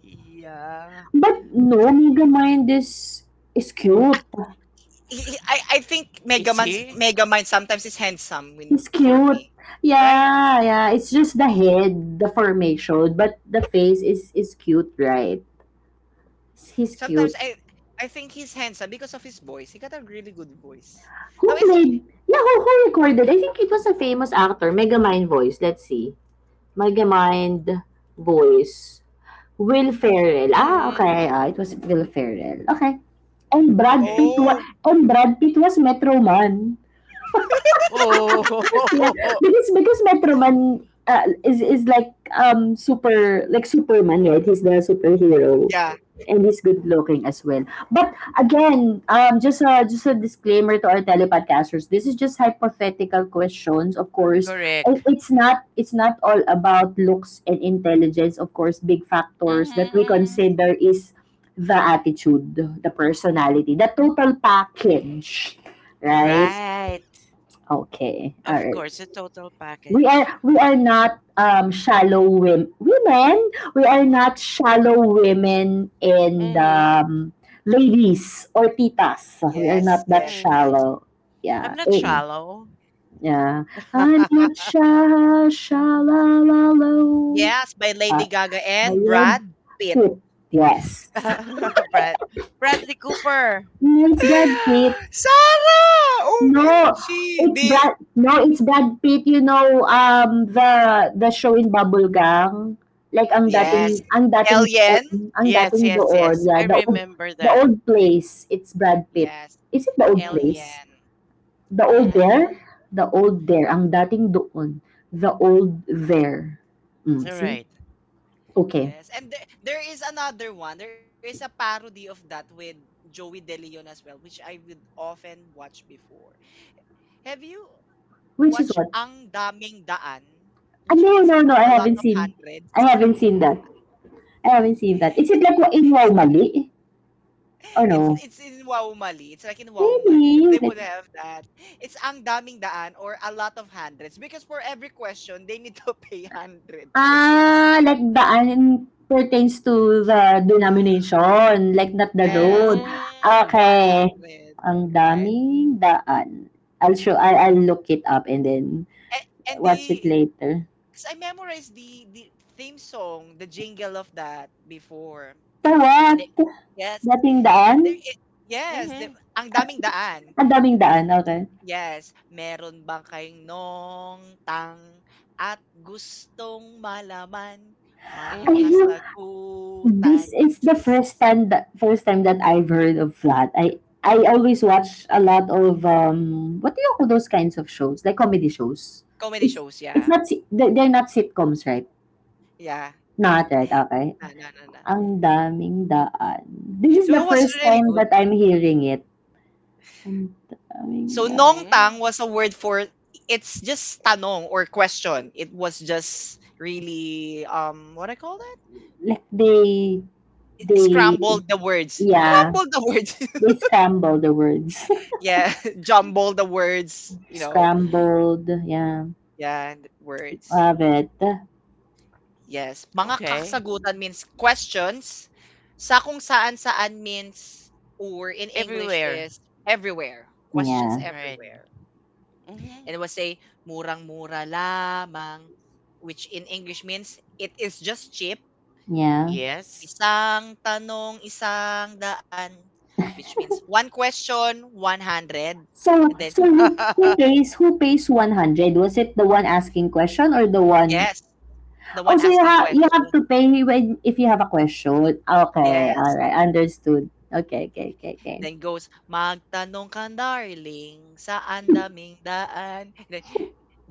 Yeah.
But no, Megamind is
I
cute.
I think Mega
Is
Man's,
he?
Mega Man sometimes is handsome, when
He's
for
cute.
me, right?
Yeah, yeah. It's just the head, the formation, but the face is cute, right? He's
Sometimes
cute.
I think he's handsome because of his voice. He got a really good voice. No,
Who
it's
played? Yeah, who recorded? I think it was a famous actor. Megamind voice. Let's see. Megamind voice. Will Ferrell. Ah,
Mm,
okay. Ah, it was Will Ferrell. Okay. And Brad
okay.
Pitt was
oh
and Brad Pitt was Metro Man. Yeah,
Oh.
because Metroman is like super like Superman, right? He's the superhero,
yeah,
and he's good looking as well. But again, just a disclaimer to our telepodcasters: this is just hypothetical questions, of course. And
Correct.
it's not it's not all about looks and intelligence, of course. Big
Mm-hmm,
factors that we
mm-hmm.
consider is the attitude, the personality, the total package, right?
yes.
Right.
Okay, all
Of
right.
course, a total
we
package.
are we are not shallow women, we are not shallow women, and
Mm-hmm.
ladies or titas, we are not
Yes,
that
yes, yes,
Mm-hmm.
shallow. Yeah,
I'm not shallow.
yeah, I'm not shallow.
yes, by
uh,
Lady Gaga
my
and
head
Brad Pitt.
tip, yes.
Brad Bradley Cooper.
It's Brad Pitt.
Sarah,
No,
OMG,
it's
the
Brad no, it's Brad Pitt, you know, the show in Bubblegang, like
yes,
Mm-hmm.
Alien,
ang
Yes,
dating
yes,
doon,
yes.
yeah,
I remember
the
that.
old place, it's Brad Pitt.
yes,
Is it the old
Mm-hmm.
place?
Alien,
The old
right?
there?
Mm-hmm.
Ang dating doon, the old there.
Is
Mm,
All
it
see?
right.
Okay.
yes, and there is another one. There is a parody of that with Joey De Leon as well, which I would often watch before. Have you
Which
watched
is what?
Ang Daming Daan,
Ah,
which means
no,
a
I
lot of
haven't seen. I
hundreds?
haven't seen that. I haven't seen that. Is
It's
it like in Wow
it's
Mali? Or
it's
no?
it's in Wow Mali. It's like in Wow Mali that they would
Maybe.
have that. It's Ang Daming Daan, or a lot of hundreds, because for every question they need to pay 100 pesos.
Ah, like daan pertains to the denomination, like not the
Yes,
road.
Mm-hmm.
Okay.
100,
Ang
right?
daming daan. I'll look it up and then
A- and
watch it
the
later.
because I memorized the theme song, the jingle of that before.
The what?
The, yes.
Dating
There
daan?
i- yes,
Mm-hmm.
ang daming daan.
Ang daming daan, okay.
Yes, meron bang kayong nong tang at gustong malaman mga
Ay, no.
Mm-hmm.
This
kasagutan?
is the first time that I've heard of Flat. I always watch a lot of what do you call those kinds of shows? Like comedy shows.
Comedy shows,
It's
yeah.
not si- they- they're not sitcoms, right?
Yeah.
Not right, okay.
Na, na, na, na.
Ang daming daan. This is
So
the
it was
first
really
time
good.
that I'm hearing it. Ang
So
daming daan.
nongtang
Mm-hmm.
was a word for, it's just tanong or question. It was just really what I call that?
Like they
Scrambled the words.
yeah,
Scrambled the words.
they scramble the words.
Yeah, jumble the words, you know.
Scrambled, yeah.
Yeah, and words.
Love it.
Yes, mga
Okay.
kasagutan means questions. Sa kung saan saan means or in English
Everywhere.
is everywhere. Questions
Yeah.
Right. Right.
everywhere.
Mm-hmm.
And it will say murang-mura lamang, which in English means it is just cheap.
Yeah.
Yes.
Isang tanong, isang daan, which means one question, 100. And
So,
then,
so who pays who pays 100? Was it the one asking question or the one
yes, the
Oh,
one
so
asking
you have
question.
to pay when if you have a question. Okay, all
Yes.
right, understood. Okay, okay.
Then goes, "Magtanong ka darling, saan daming daan?" Then,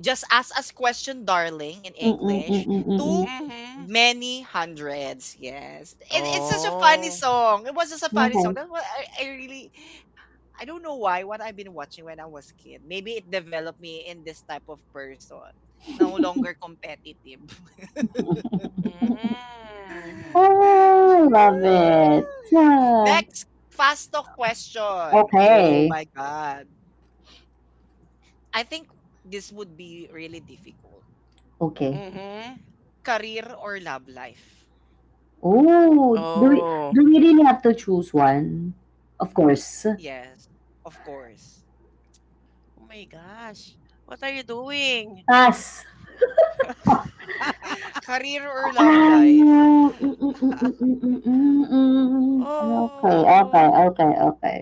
just ask us question darling in
Mm-mm,
English to
Mm-hmm.
many hundreds. Yes. It, it's such a funny
Oh.
song. It was just a funny song.
Okay.
That's what I really I don't know why what I've been watching when I was kid. Maybe it developed me in this type of person. No longer competitive.
Mm-hmm.
Oh,
Yay!
love it. Ah,
Next, fast talk question. Oh
okay.
my God. I think this would be really difficult.
Okay.
Mm-hmm.
Career or love life?
Oh,
Oh.
do we really have to choose one? Of course.
Yes, of course.
Oh my gosh. What are you doing?
Pass.
Career or love
Ano,
life?
okey,
Oh.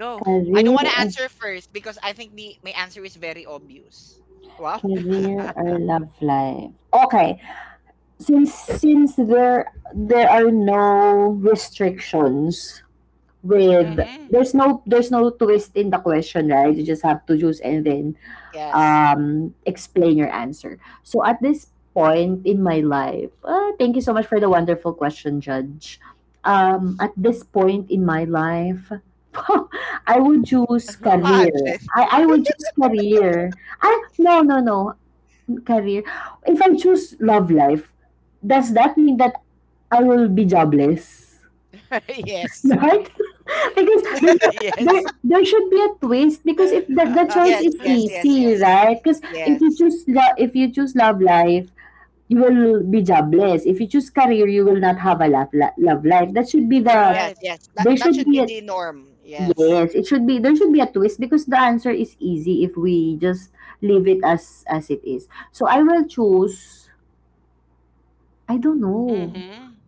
Go.
I don't
Career
want to
or
answer first because I think my answer is very obvious. Wow.
career or love life. Okey, since there there are no restrictions with
Mm
there's no twist in the question, right? You just have to choose and then
Yes.
explain your answer. So at this point in my life, thank you so much for the wonderful question, Judge. At this point in my life, I would choose
hmm.
career.
Pageant.
I would choose career. I no no no career. If I choose love life, does that mean that I will be jobless?
Yes.
Right? because
Yes.
there should be a twist because the choice
Yes,
is
yes, yes,
easy,
yes.
right? Because if you
Yes.
choose if you choose love life, you will be jobless. If you choose career, you will not have a love life. That should be the
Yes,
Right.
yes. That,
there
that
should
should
be
be
a
the norm. Yes.
yes, it should be there should be a twist because the answer is easy if we just leave it as it is. So I will choose I don't know.
Mm-hmm.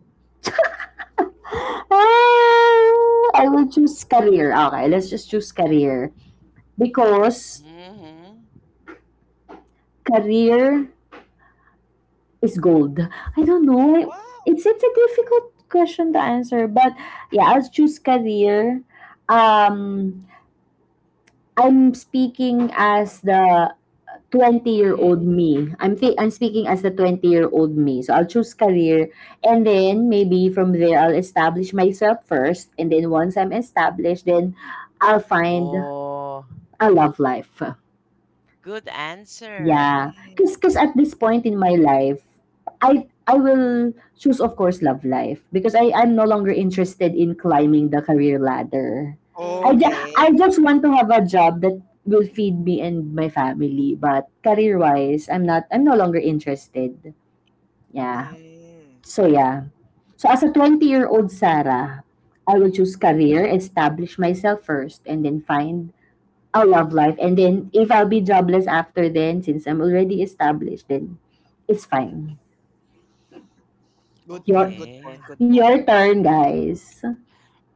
Ah, I will choose career. Okay, let's just choose career. Because
Mm-hmm.
career is gold. I don't know.
Wow.
It's a difficult question to answer. But yeah, I'll choose career. Um, I'm speaking as the 20-year-old
Mm-hmm.
old me. I'm speaking as the 20-year-old old me. So I'll choose career and then maybe from there I'll establish myself first and then once I'm established, then I'll find
Oh,
a love life.
good answer.
Yeah, cause,
Mm.
cause at this point in my life, I will choose, of course, love life because I'm no longer interested in climbing the career ladder.
Okay.
I
Mm-hmm.
just want to have a job that will feed me and my family, but career wise, I'm no longer interested. Yeah.
Mm.
So yeah. So as a 20-year-old Sarah, I will choose career,
Mm-hmm.
establish myself first, and then find our love life. And then if I'll be jobless after then, since I'm already established, then it's fine.
Good point,
Your
good
Okay.
point, good
your
point.
turn, guys.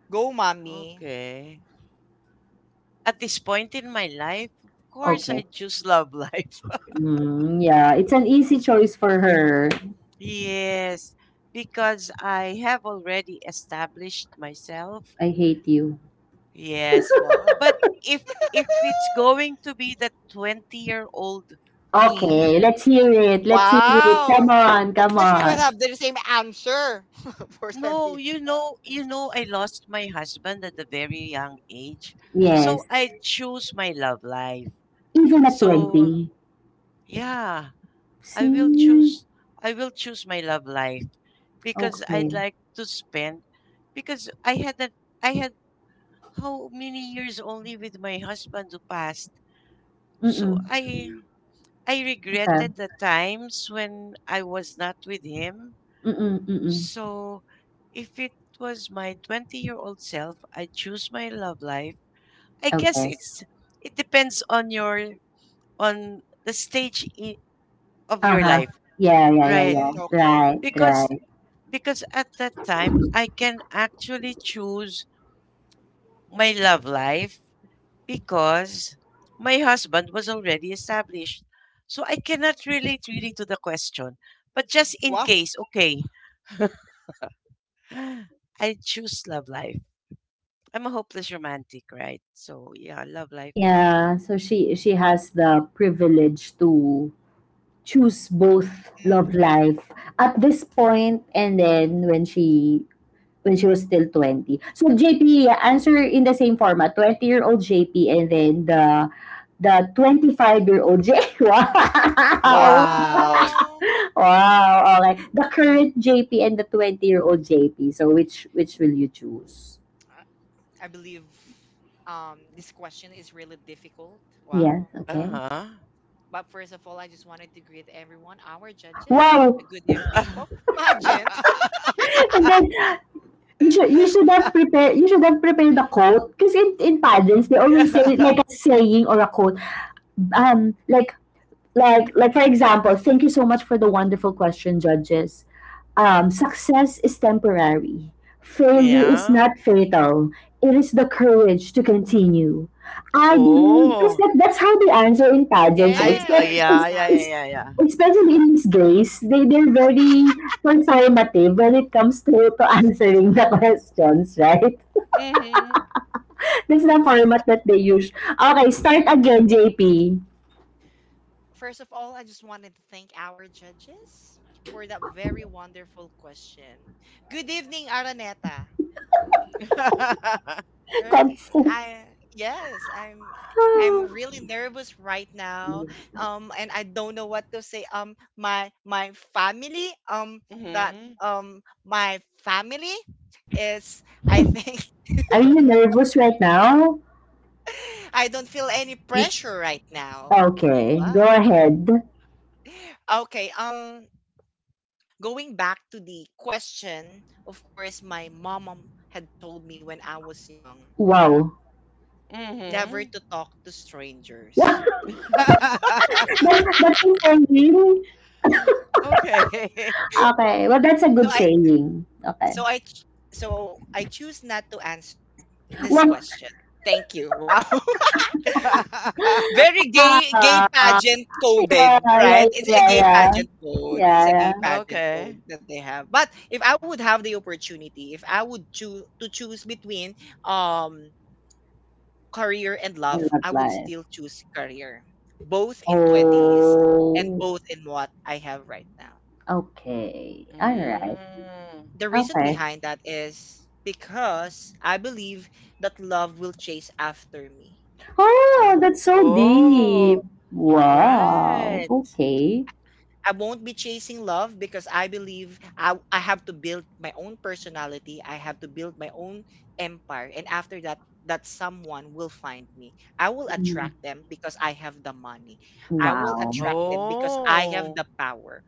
Go, mommy.
Okay. At this point in my life, of course,
Okay.
I choose love life.
Mm, yeah, it's an easy choice for her.
Yes. Because I have already established myself.
I hate you.
Yes.
Wow.
But if if it's going to be the 20-year-old me,
Okay, let's hear it. Let's hear it.
Wow!
Come on,
Of
come
course, we will
on.
have the same answer for that.
no,
Year.
you know I lost my husband at a very young age.
Yes.
So I choose my love life.
Even at
So,
20.
yeah, I will
See?
choose I will choose my love life because
Okay.
I'd like to spend, because I had how many years only with my husband who passed. So
Mm-mm.
I
Okay.
regretted the times when I was not with him.
Mm-mm, mm-mm.
So, if it was my 20-year-old year old self, I choose my love life. I guess
Okay.
it depends on your on the stage of your
Uh-huh.
life,
Yeah,
right?
Mm, okay.
right,
Because
right.
because at that time I can actually choose my love life because my husband was already established. So I cannot relate really to the question. But just in
Wow.
case, okay, I choose love life. I'm a hopeless romantic, right? So yeah, love life.
Yeah, so she has the privilege to choose both
Mm.
love life at this point and then when she was still 20. So JP, yeah, answer in the same format. 20-year-old JP and then the 25-year-old J. Wow.
Wow.
Wow.
Wow, okay. The current JP and the 20-year-old JP. So which will you choose?
I I believe this question is really difficult.
Yeah,
Wow.
Uh
okay.
huh.
But first of all, I just wanted to greet everyone, our judges. A
Wow.
good evening. Oh, pageant.
And then you should you should have prepared you should have prepared the quote because in pageants they always say like a saying or a quote, like like for example, thank you so much for the wonderful question, judges. Success is temporary, failure
yes.
is
Yeah.
not fatal, it is the courage to continue, I believe, because
Oh.
that's how they answer in pageants,
I
right?
Yes.
It's,
This is how
it's,
they.
especially in these gays, they're very conservative when it comes to answering the questions, right?
Mhm.
That's the format that they use. Okay, start again, JP.
First of all, I just wanted to thank our judges for that very wonderful question. Good evening, Araneta. Right.
Cons-
I, yes, I'm really nervous right now. And I don't know what to say. My family, that
Mhm.
my family is, I think,
Are you nervous right now?
I don't feel any pressure right now.
Okay,
Wow.
go ahead.
Okay, going back to the question, of course, my mom had told me when I was young
Wow.
never
Mhm.
to talk to
that,
strangers.
that's a saying.
Okay.
Okay, well, that's a
So
good
I
saying. Okay.
so I ch- so I choose not to answer this
Well,
question. Thank you. Wow. Very gay gay
ah,
pageant
yeah,
coded, right? It's a gay pageant code.
yeah,
It's a gay
yeah.
pageant
Okay.
code that they have. But if I would have the opportunity, if I would choose between um career and love,
I
I
love
would
life.
still choose career, both in 20s and
Oh,
both in what I have right now.
okay. All right.
Mm.
The reason
Okay.
behind that is because I believe that love will chase after me.
Oh,
Ah,
that's so deep.
Oh.
Wow.
Right.
Okay.
I won't be chasing love because I believe I have to build my own personality. I have to build my own empire. And after that, that someone will find me. I will
Mm.
attract them because I have the money. I will
Wow.
attract them because I have
Oh.
the power.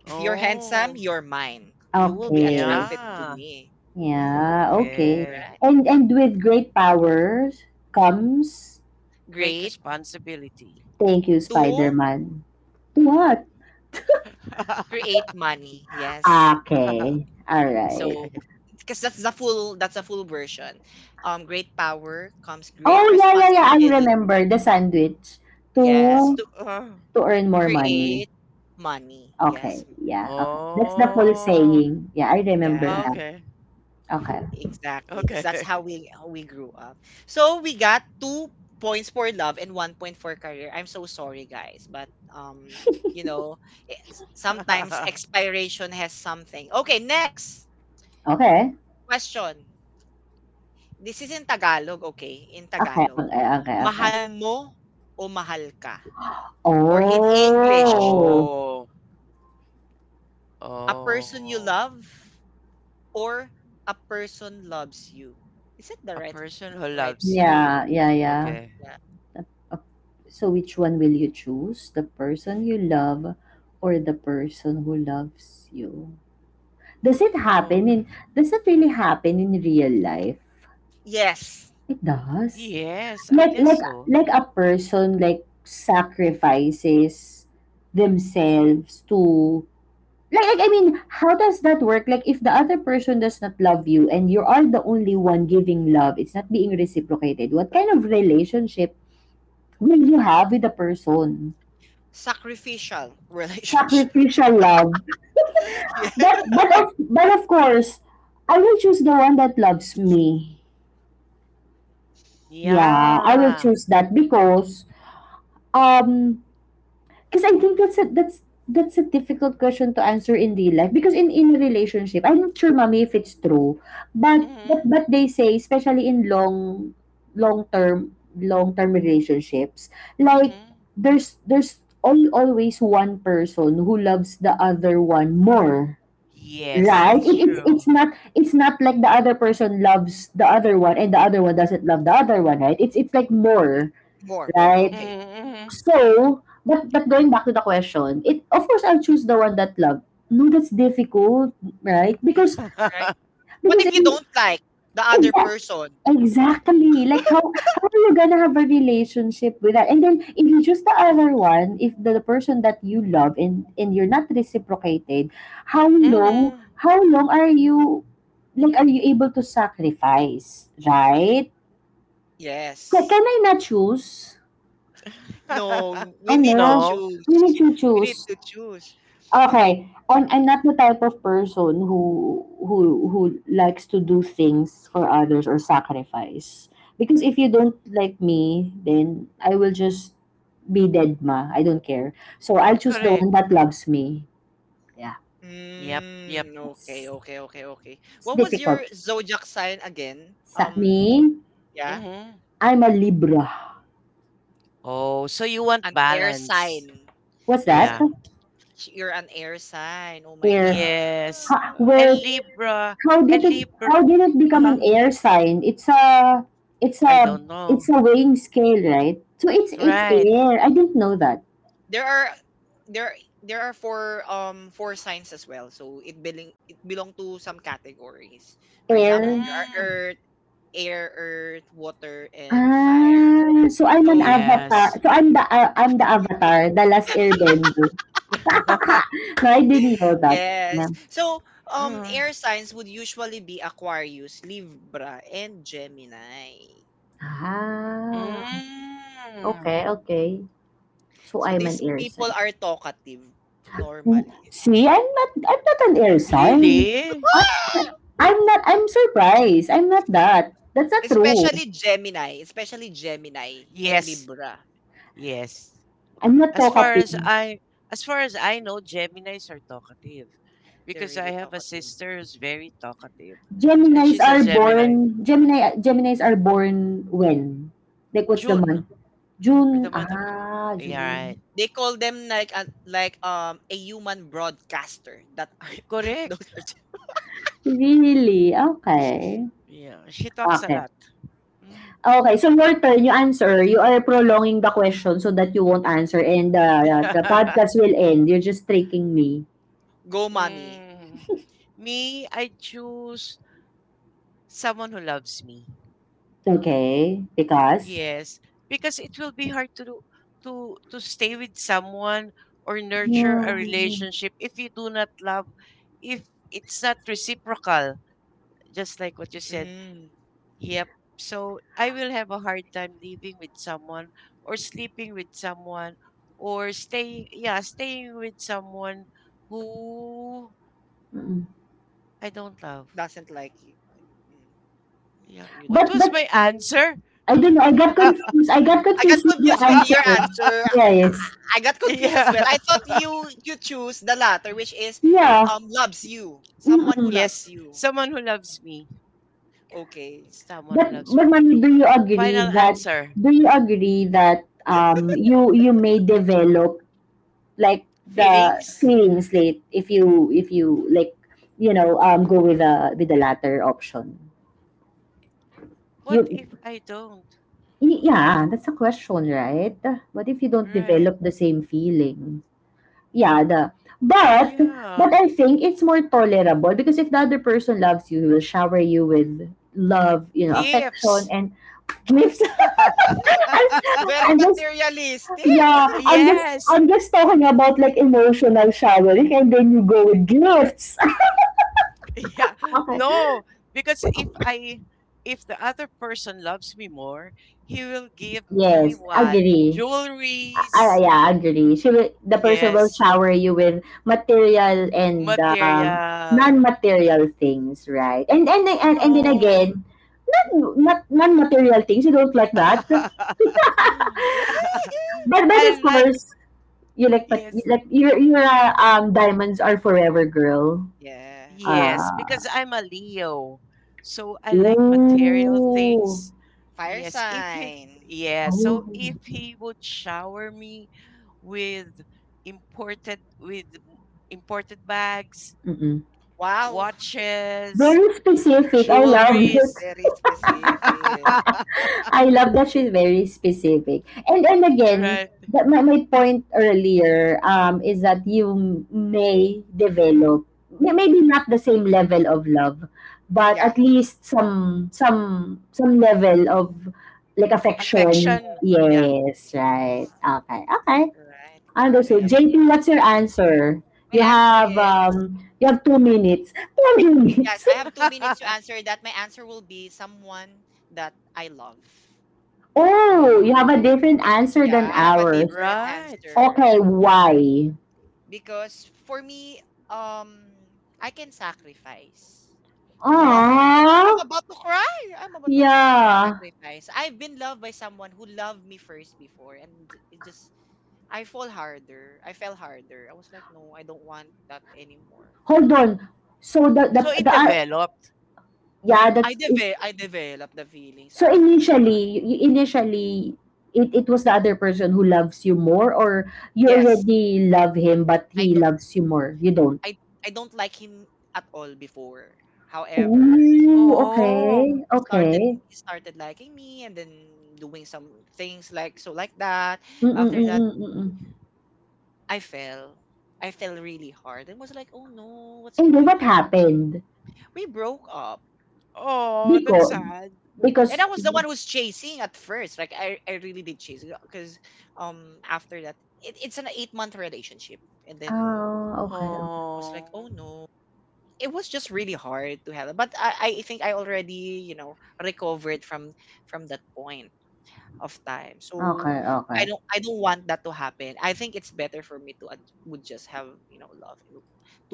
If you're handsome,
Oh.
you're mine. You will be
Okay.
attracted to
Yeah.
me. Mm,
Yeah, okay.
Okay.
right.
And with great powers comes
Great
Great.
responsibility.
thank you,
Two,
Spider-Man. What?
create money. Yes.
Okay. All right.
So,
Okay.
because that's a full version. Great power comes great
Oh, yeah, I
responsibility.
remember the sandwich
Yes,
to
to
Uh,
to earn more money.
create money.
Okay.
Yes.
Yeah, okay. That's the full
oh.
saying. Yeah, I
Yeah.
remember now.
Okay.
Okay.
Exactly, because
Okay.
that's how we grew up. So we got 2 points for love and 1 point for career. I'm so sorry, guys, but um, you know, i- sometimes expiration has something. Okay, next
Okay.
question. This is in Tagalog, okay? In
Okay. Okay.
Tagalog,
Okay.
mahal mo o mahal ka? Or in English,
Oh.
Oh.
a person you
Oh.
love or a person loves you. Is that the
A person who
right?
loves you.
Yeah,
Okay.
Yeah.
the, uh, so which one will you choose? The person you love or the person who loves you? Does it
Oh,
happen
okay.
in does it really happen in real life?
Yes.
It does.
Yes, I guess so.
Like a person like sacrifices themselves to like, I mean, how does that work? Like if the other person does not love you and you are the only one giving love, it's not being reciprocated. What kind of relationship will you have with the person?
Sacrificial relationship.
Sacrificial love.
yeah.
But of course, I will choose the one that loves me. Yeah, I will
Yeah.
choose that um because I think that's a that's that's a difficult question to answer in real life, because in a relationship, I'm not sure mommy if it's true, but
Mm-hmm.
but they say, especially in long term long term relationships, like
Mm-hmm.
there's always one person who loves the other one more,
Yes,
right?
that's true.
It's not, it's not like the other person loves the other one and the other one doesn't love the other one, right? It's like more,
More, more.
right?
Okay.
Mm-hmm.
So but going back to the question, it of course I'll choose the one that love, no, that's difficult, right? because
Right? What
because
if
if
you don't like the other
exactly,
person?
exactly, like how are you gonna have a relationship with that? And then if you choose the other one, if the person that you love and you're not reciprocated, how long
Mm-hmm.
how long are you, like are you able to sacrifice, right? Ca can
Yes.
I not choose?
No, we need to
Ano?
No,
Will
choose.
you
We need
choose?
to choose.
Okay. On, I'm not the type of person who likes to do things for others or sacrifice. Because if you don't like me, then I will just be dead ma. I don't care. So I'll choose the one
correct.
that loves me. Yeah.
Yep, yep.
Mm, okay,
It's,
okay, okay, okay.
it's
What was
difficult.
your zodiac sign again?
Sa me,
Yeah,
Mm-hmm.
I'm a Libra.
Oh, so you want
an air
balance.
sign.
What's
She's
that?
an.
Yeah.
You're an air sign. Oh my
Air.
god.
Yes.
Ha,
And
where
Libra,
how
and
did it
Libra,
how did it become
uh,
an air sign? It's a it's
I
a
don't know.
it's a weighing scale, right? So it's
Right.
air. I didn't know that.
There are, there there are four, four signs as well, so it belong, it belong to some categories. For example,
Air.
there are
Mm.
earth, air, earth, water and fire.
Ah, so I'm an
So
avatar.
Yes.
So I'm the avatar, the last airbender. no, I didn't know that. Yeah.
yes, so
Mm.
air signs would usually be Aquarius, Libra and Gemini.
Ah,
Mm.
okay, okay. So
So
I'm an
these
air
people
sign.
are talkative
Mm,
normally.
see, I'm not an air sign.
Really?
I I'm not, I'm surprised. I'm not that. That's not true.
Especially Gemini and
Yes,
Libra,
yes.
I'm not
As far as
talkative.
I as far as I know, Geminis are talkative
they're
because I
really
have a
talkative.
sister who's very talkative, and
Geminis
she's a
are
Gemini.
born, Geminis are born when? Like, what's the month?
June, for
June.
the month of June.
Ah,
Yeah,
June.
right.
They call them like a human broadcaster that are, that those
Correct.
are just-
Really? Okay.
Yeah, she talks a
Okay.
lot. Mm.
Okay, so your turn, you answer. You are prolonging the question so that you won't answer and the podcast will end. You're just tricking me.
go mommy.
Mm. Me, I choose someone who loves me.
Okay? Because?
Yes, because it will be hard to do- to stay with someone or nurture
Yeah.
a relationship if you do not love, if it's not reciprocal, just like what you said.
Mm,
Yep. So I will have a hard time living with someone or sleeping with someone or staying with someone who
Mm-mm.
I don't love.
doesn't like you. Mm,
Yeah.
you
What
But,
don't
was
but,
love.
my answer?
I don't know, I got confused. I got
I got
confused with your
confused with
answer.
your answer. I
Yes.
I got confused as
Yeah.
well. I thought you choose the latter, which is
Yeah.
loves you, someone who
Mm-mm.
loves
Yes,
you.
someone who loves me.
Okay,
Someone who loves
But
me.
mommy,
Final answer.
do you agree that you you may develop like the
Feelings?
feelings late if you like, go with the latter option.
What
You
if I don't?
y- yeah, that's a question, right? What if you don't
Right.
develop the same feelings? Yeah, the but
Yeah.
but I think it's more tolerable because if the other person loves you, he will shower you with love, you know, affection
Gifts.
and gifts. I'm,
very
I'm just
materialistic.
yeah, I'm just
Yes.
I'm just talking about like emotional showering and then you go with gifts.
Yeah. No, because if the other person loves me more, he will give me
Yes,
what?
agree. Ah,
Jewelries.
yeah, agree. She will, the person will
Yes.
shower you with material and
Material.
non-material things, right? And then
No.
again, not, not non-material things. You don't like that, but of
I like
course, you like, but you
Yes,
like, you're a diamonds are forever girl.
Yes.
yes,
Ah,
because I'm a Leo, so I like material
ooh,
things.
Fire
Yes, if he
sign.
yeah, so
Mm.
oh,
if he would shower me with with imported bags,
mm-mm.
Wow,
watches,
Very specific. I love it.
jewelries,
very specific.
I love that she's very specific. And then again,
right?
that my point earlier, is that you may develop, maybe not the same level of love, but
Yeah.
at least some some level of like affection.
Affection, yeah,
Yes, right. Okay, okay.
Right, got
Understood.
yep.
it.
JP, what's your answer?
My answer is,
You have 2 minutes. Two
yes,
minutes.
I have 2 minutes to answer that. My answer will be someone that I love.
Oh, you have a
Mm,
different answer than
Yeah, I have a
ours.
different
right.
Okay,
answer
why?
because for me, um, I can sacrifice. Well,
What?
I'm
Ah,
about to cry. I'm about to cry. I can
yeah.
sacrifice. I've been loved by someone who loved me first before, and it just, I fall harder. I fell harder. I was like, no, I don't want that anymore.
Hold on. So
So it developed.
yeah,
I developed the feelings
so
after.
initially, initially it was the other person who loves you more or you
Yes.
already love him but
I
he
don't
loves you more. You don't.
I I don't like him at all before. However,
Ooh,
Oh.
okay. Okay.
he started liking me and then doing some things like so like that. After that,
Mm-mm-mm-mm-mm.
I fell. I fell really hard and was like, "Oh no, what's
And then
going
what
on?"
happened?
We broke up.
Oh, that's
Because
sad.
And I
because
was the one who's chasing at first. Like I really did chase because after that, it, it's an 8 month relationship, and then
ah, okay. Okay,
I was like,
Oh.
"Oh no, it was just really hard to handle." But I think I already, you know, recovered from that point of time. So
okay. Okay.
I don't want that to happen. I think it's better for me to ad- would just have, you know, love and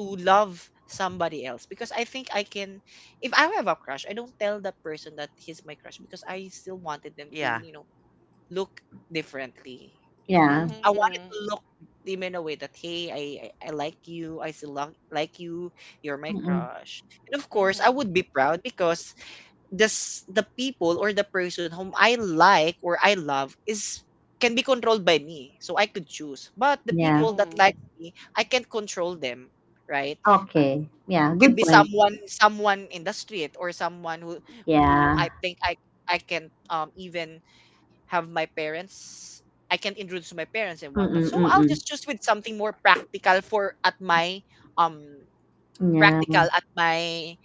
to love somebody else, because I think I can. If I have a crush, I don't tell that person that he's my crush because I still wanted them to,
Yeah.
you know, look differently.
Yeah.
I wanted
Mm-hmm.
to look them in a way that hey, I like you, like you, you're my
Mm-mm.
crush, and of course I
Mm-hmm.
would be proud because this the people or the person whom I like or I love is, can be controlled by me, so I could choose. But the
Yeah.
Mm-hmm.
people that
Mm-hmm.
like me, I can't control them, right? Uh,
Okay. Yeah,
it could
good
be
point.
someone in the street or someone who I
Yeah.
think I can't even have my parents, I can't introduce to my parents and
Mm,
whatnot.
mm.
So
mm,
I'll
mm.
just choose with something more practical for at my um practical
Yeah.
at my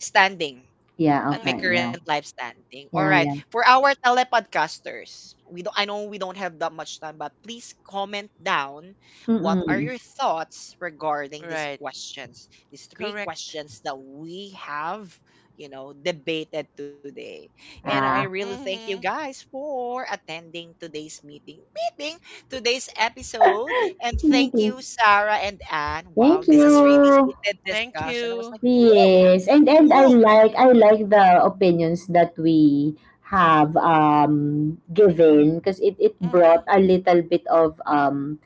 standing,
Yeah,
at my
okay,
Mm-hmm.
current
yeah.
life standing. All
Yeah,
right.
yeah.
For our telepodcasters, we don't, I know we don't have that much time, but please comment down
Mm, mm.
what
mm,
are
mm.
your thoughts regarding these
Right.
questions. These three
Correct.
questions that we have, you know, debated today. And I
Ah,
really thank you
Mm-hmm.
guys for attending today's meeting. Meeting today's episode. And thank
maybe.
you, Sarah and Anne. Wow,
Thank
this is really
you.
heated
Thank
discussion. I was
you.
like, ooh,
Yes, and I
ooh.
like I like the opinions that we have given because it brought a
Mm-hmm.
little bit of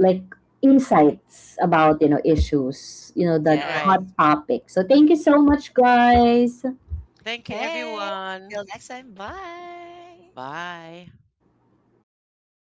like insights about you know issues you know
All
that
Yes.
right.
hot topic, so thank you so much, guys.
Thank you,
Hey,
everyone.
till next time. Bye.
Bye.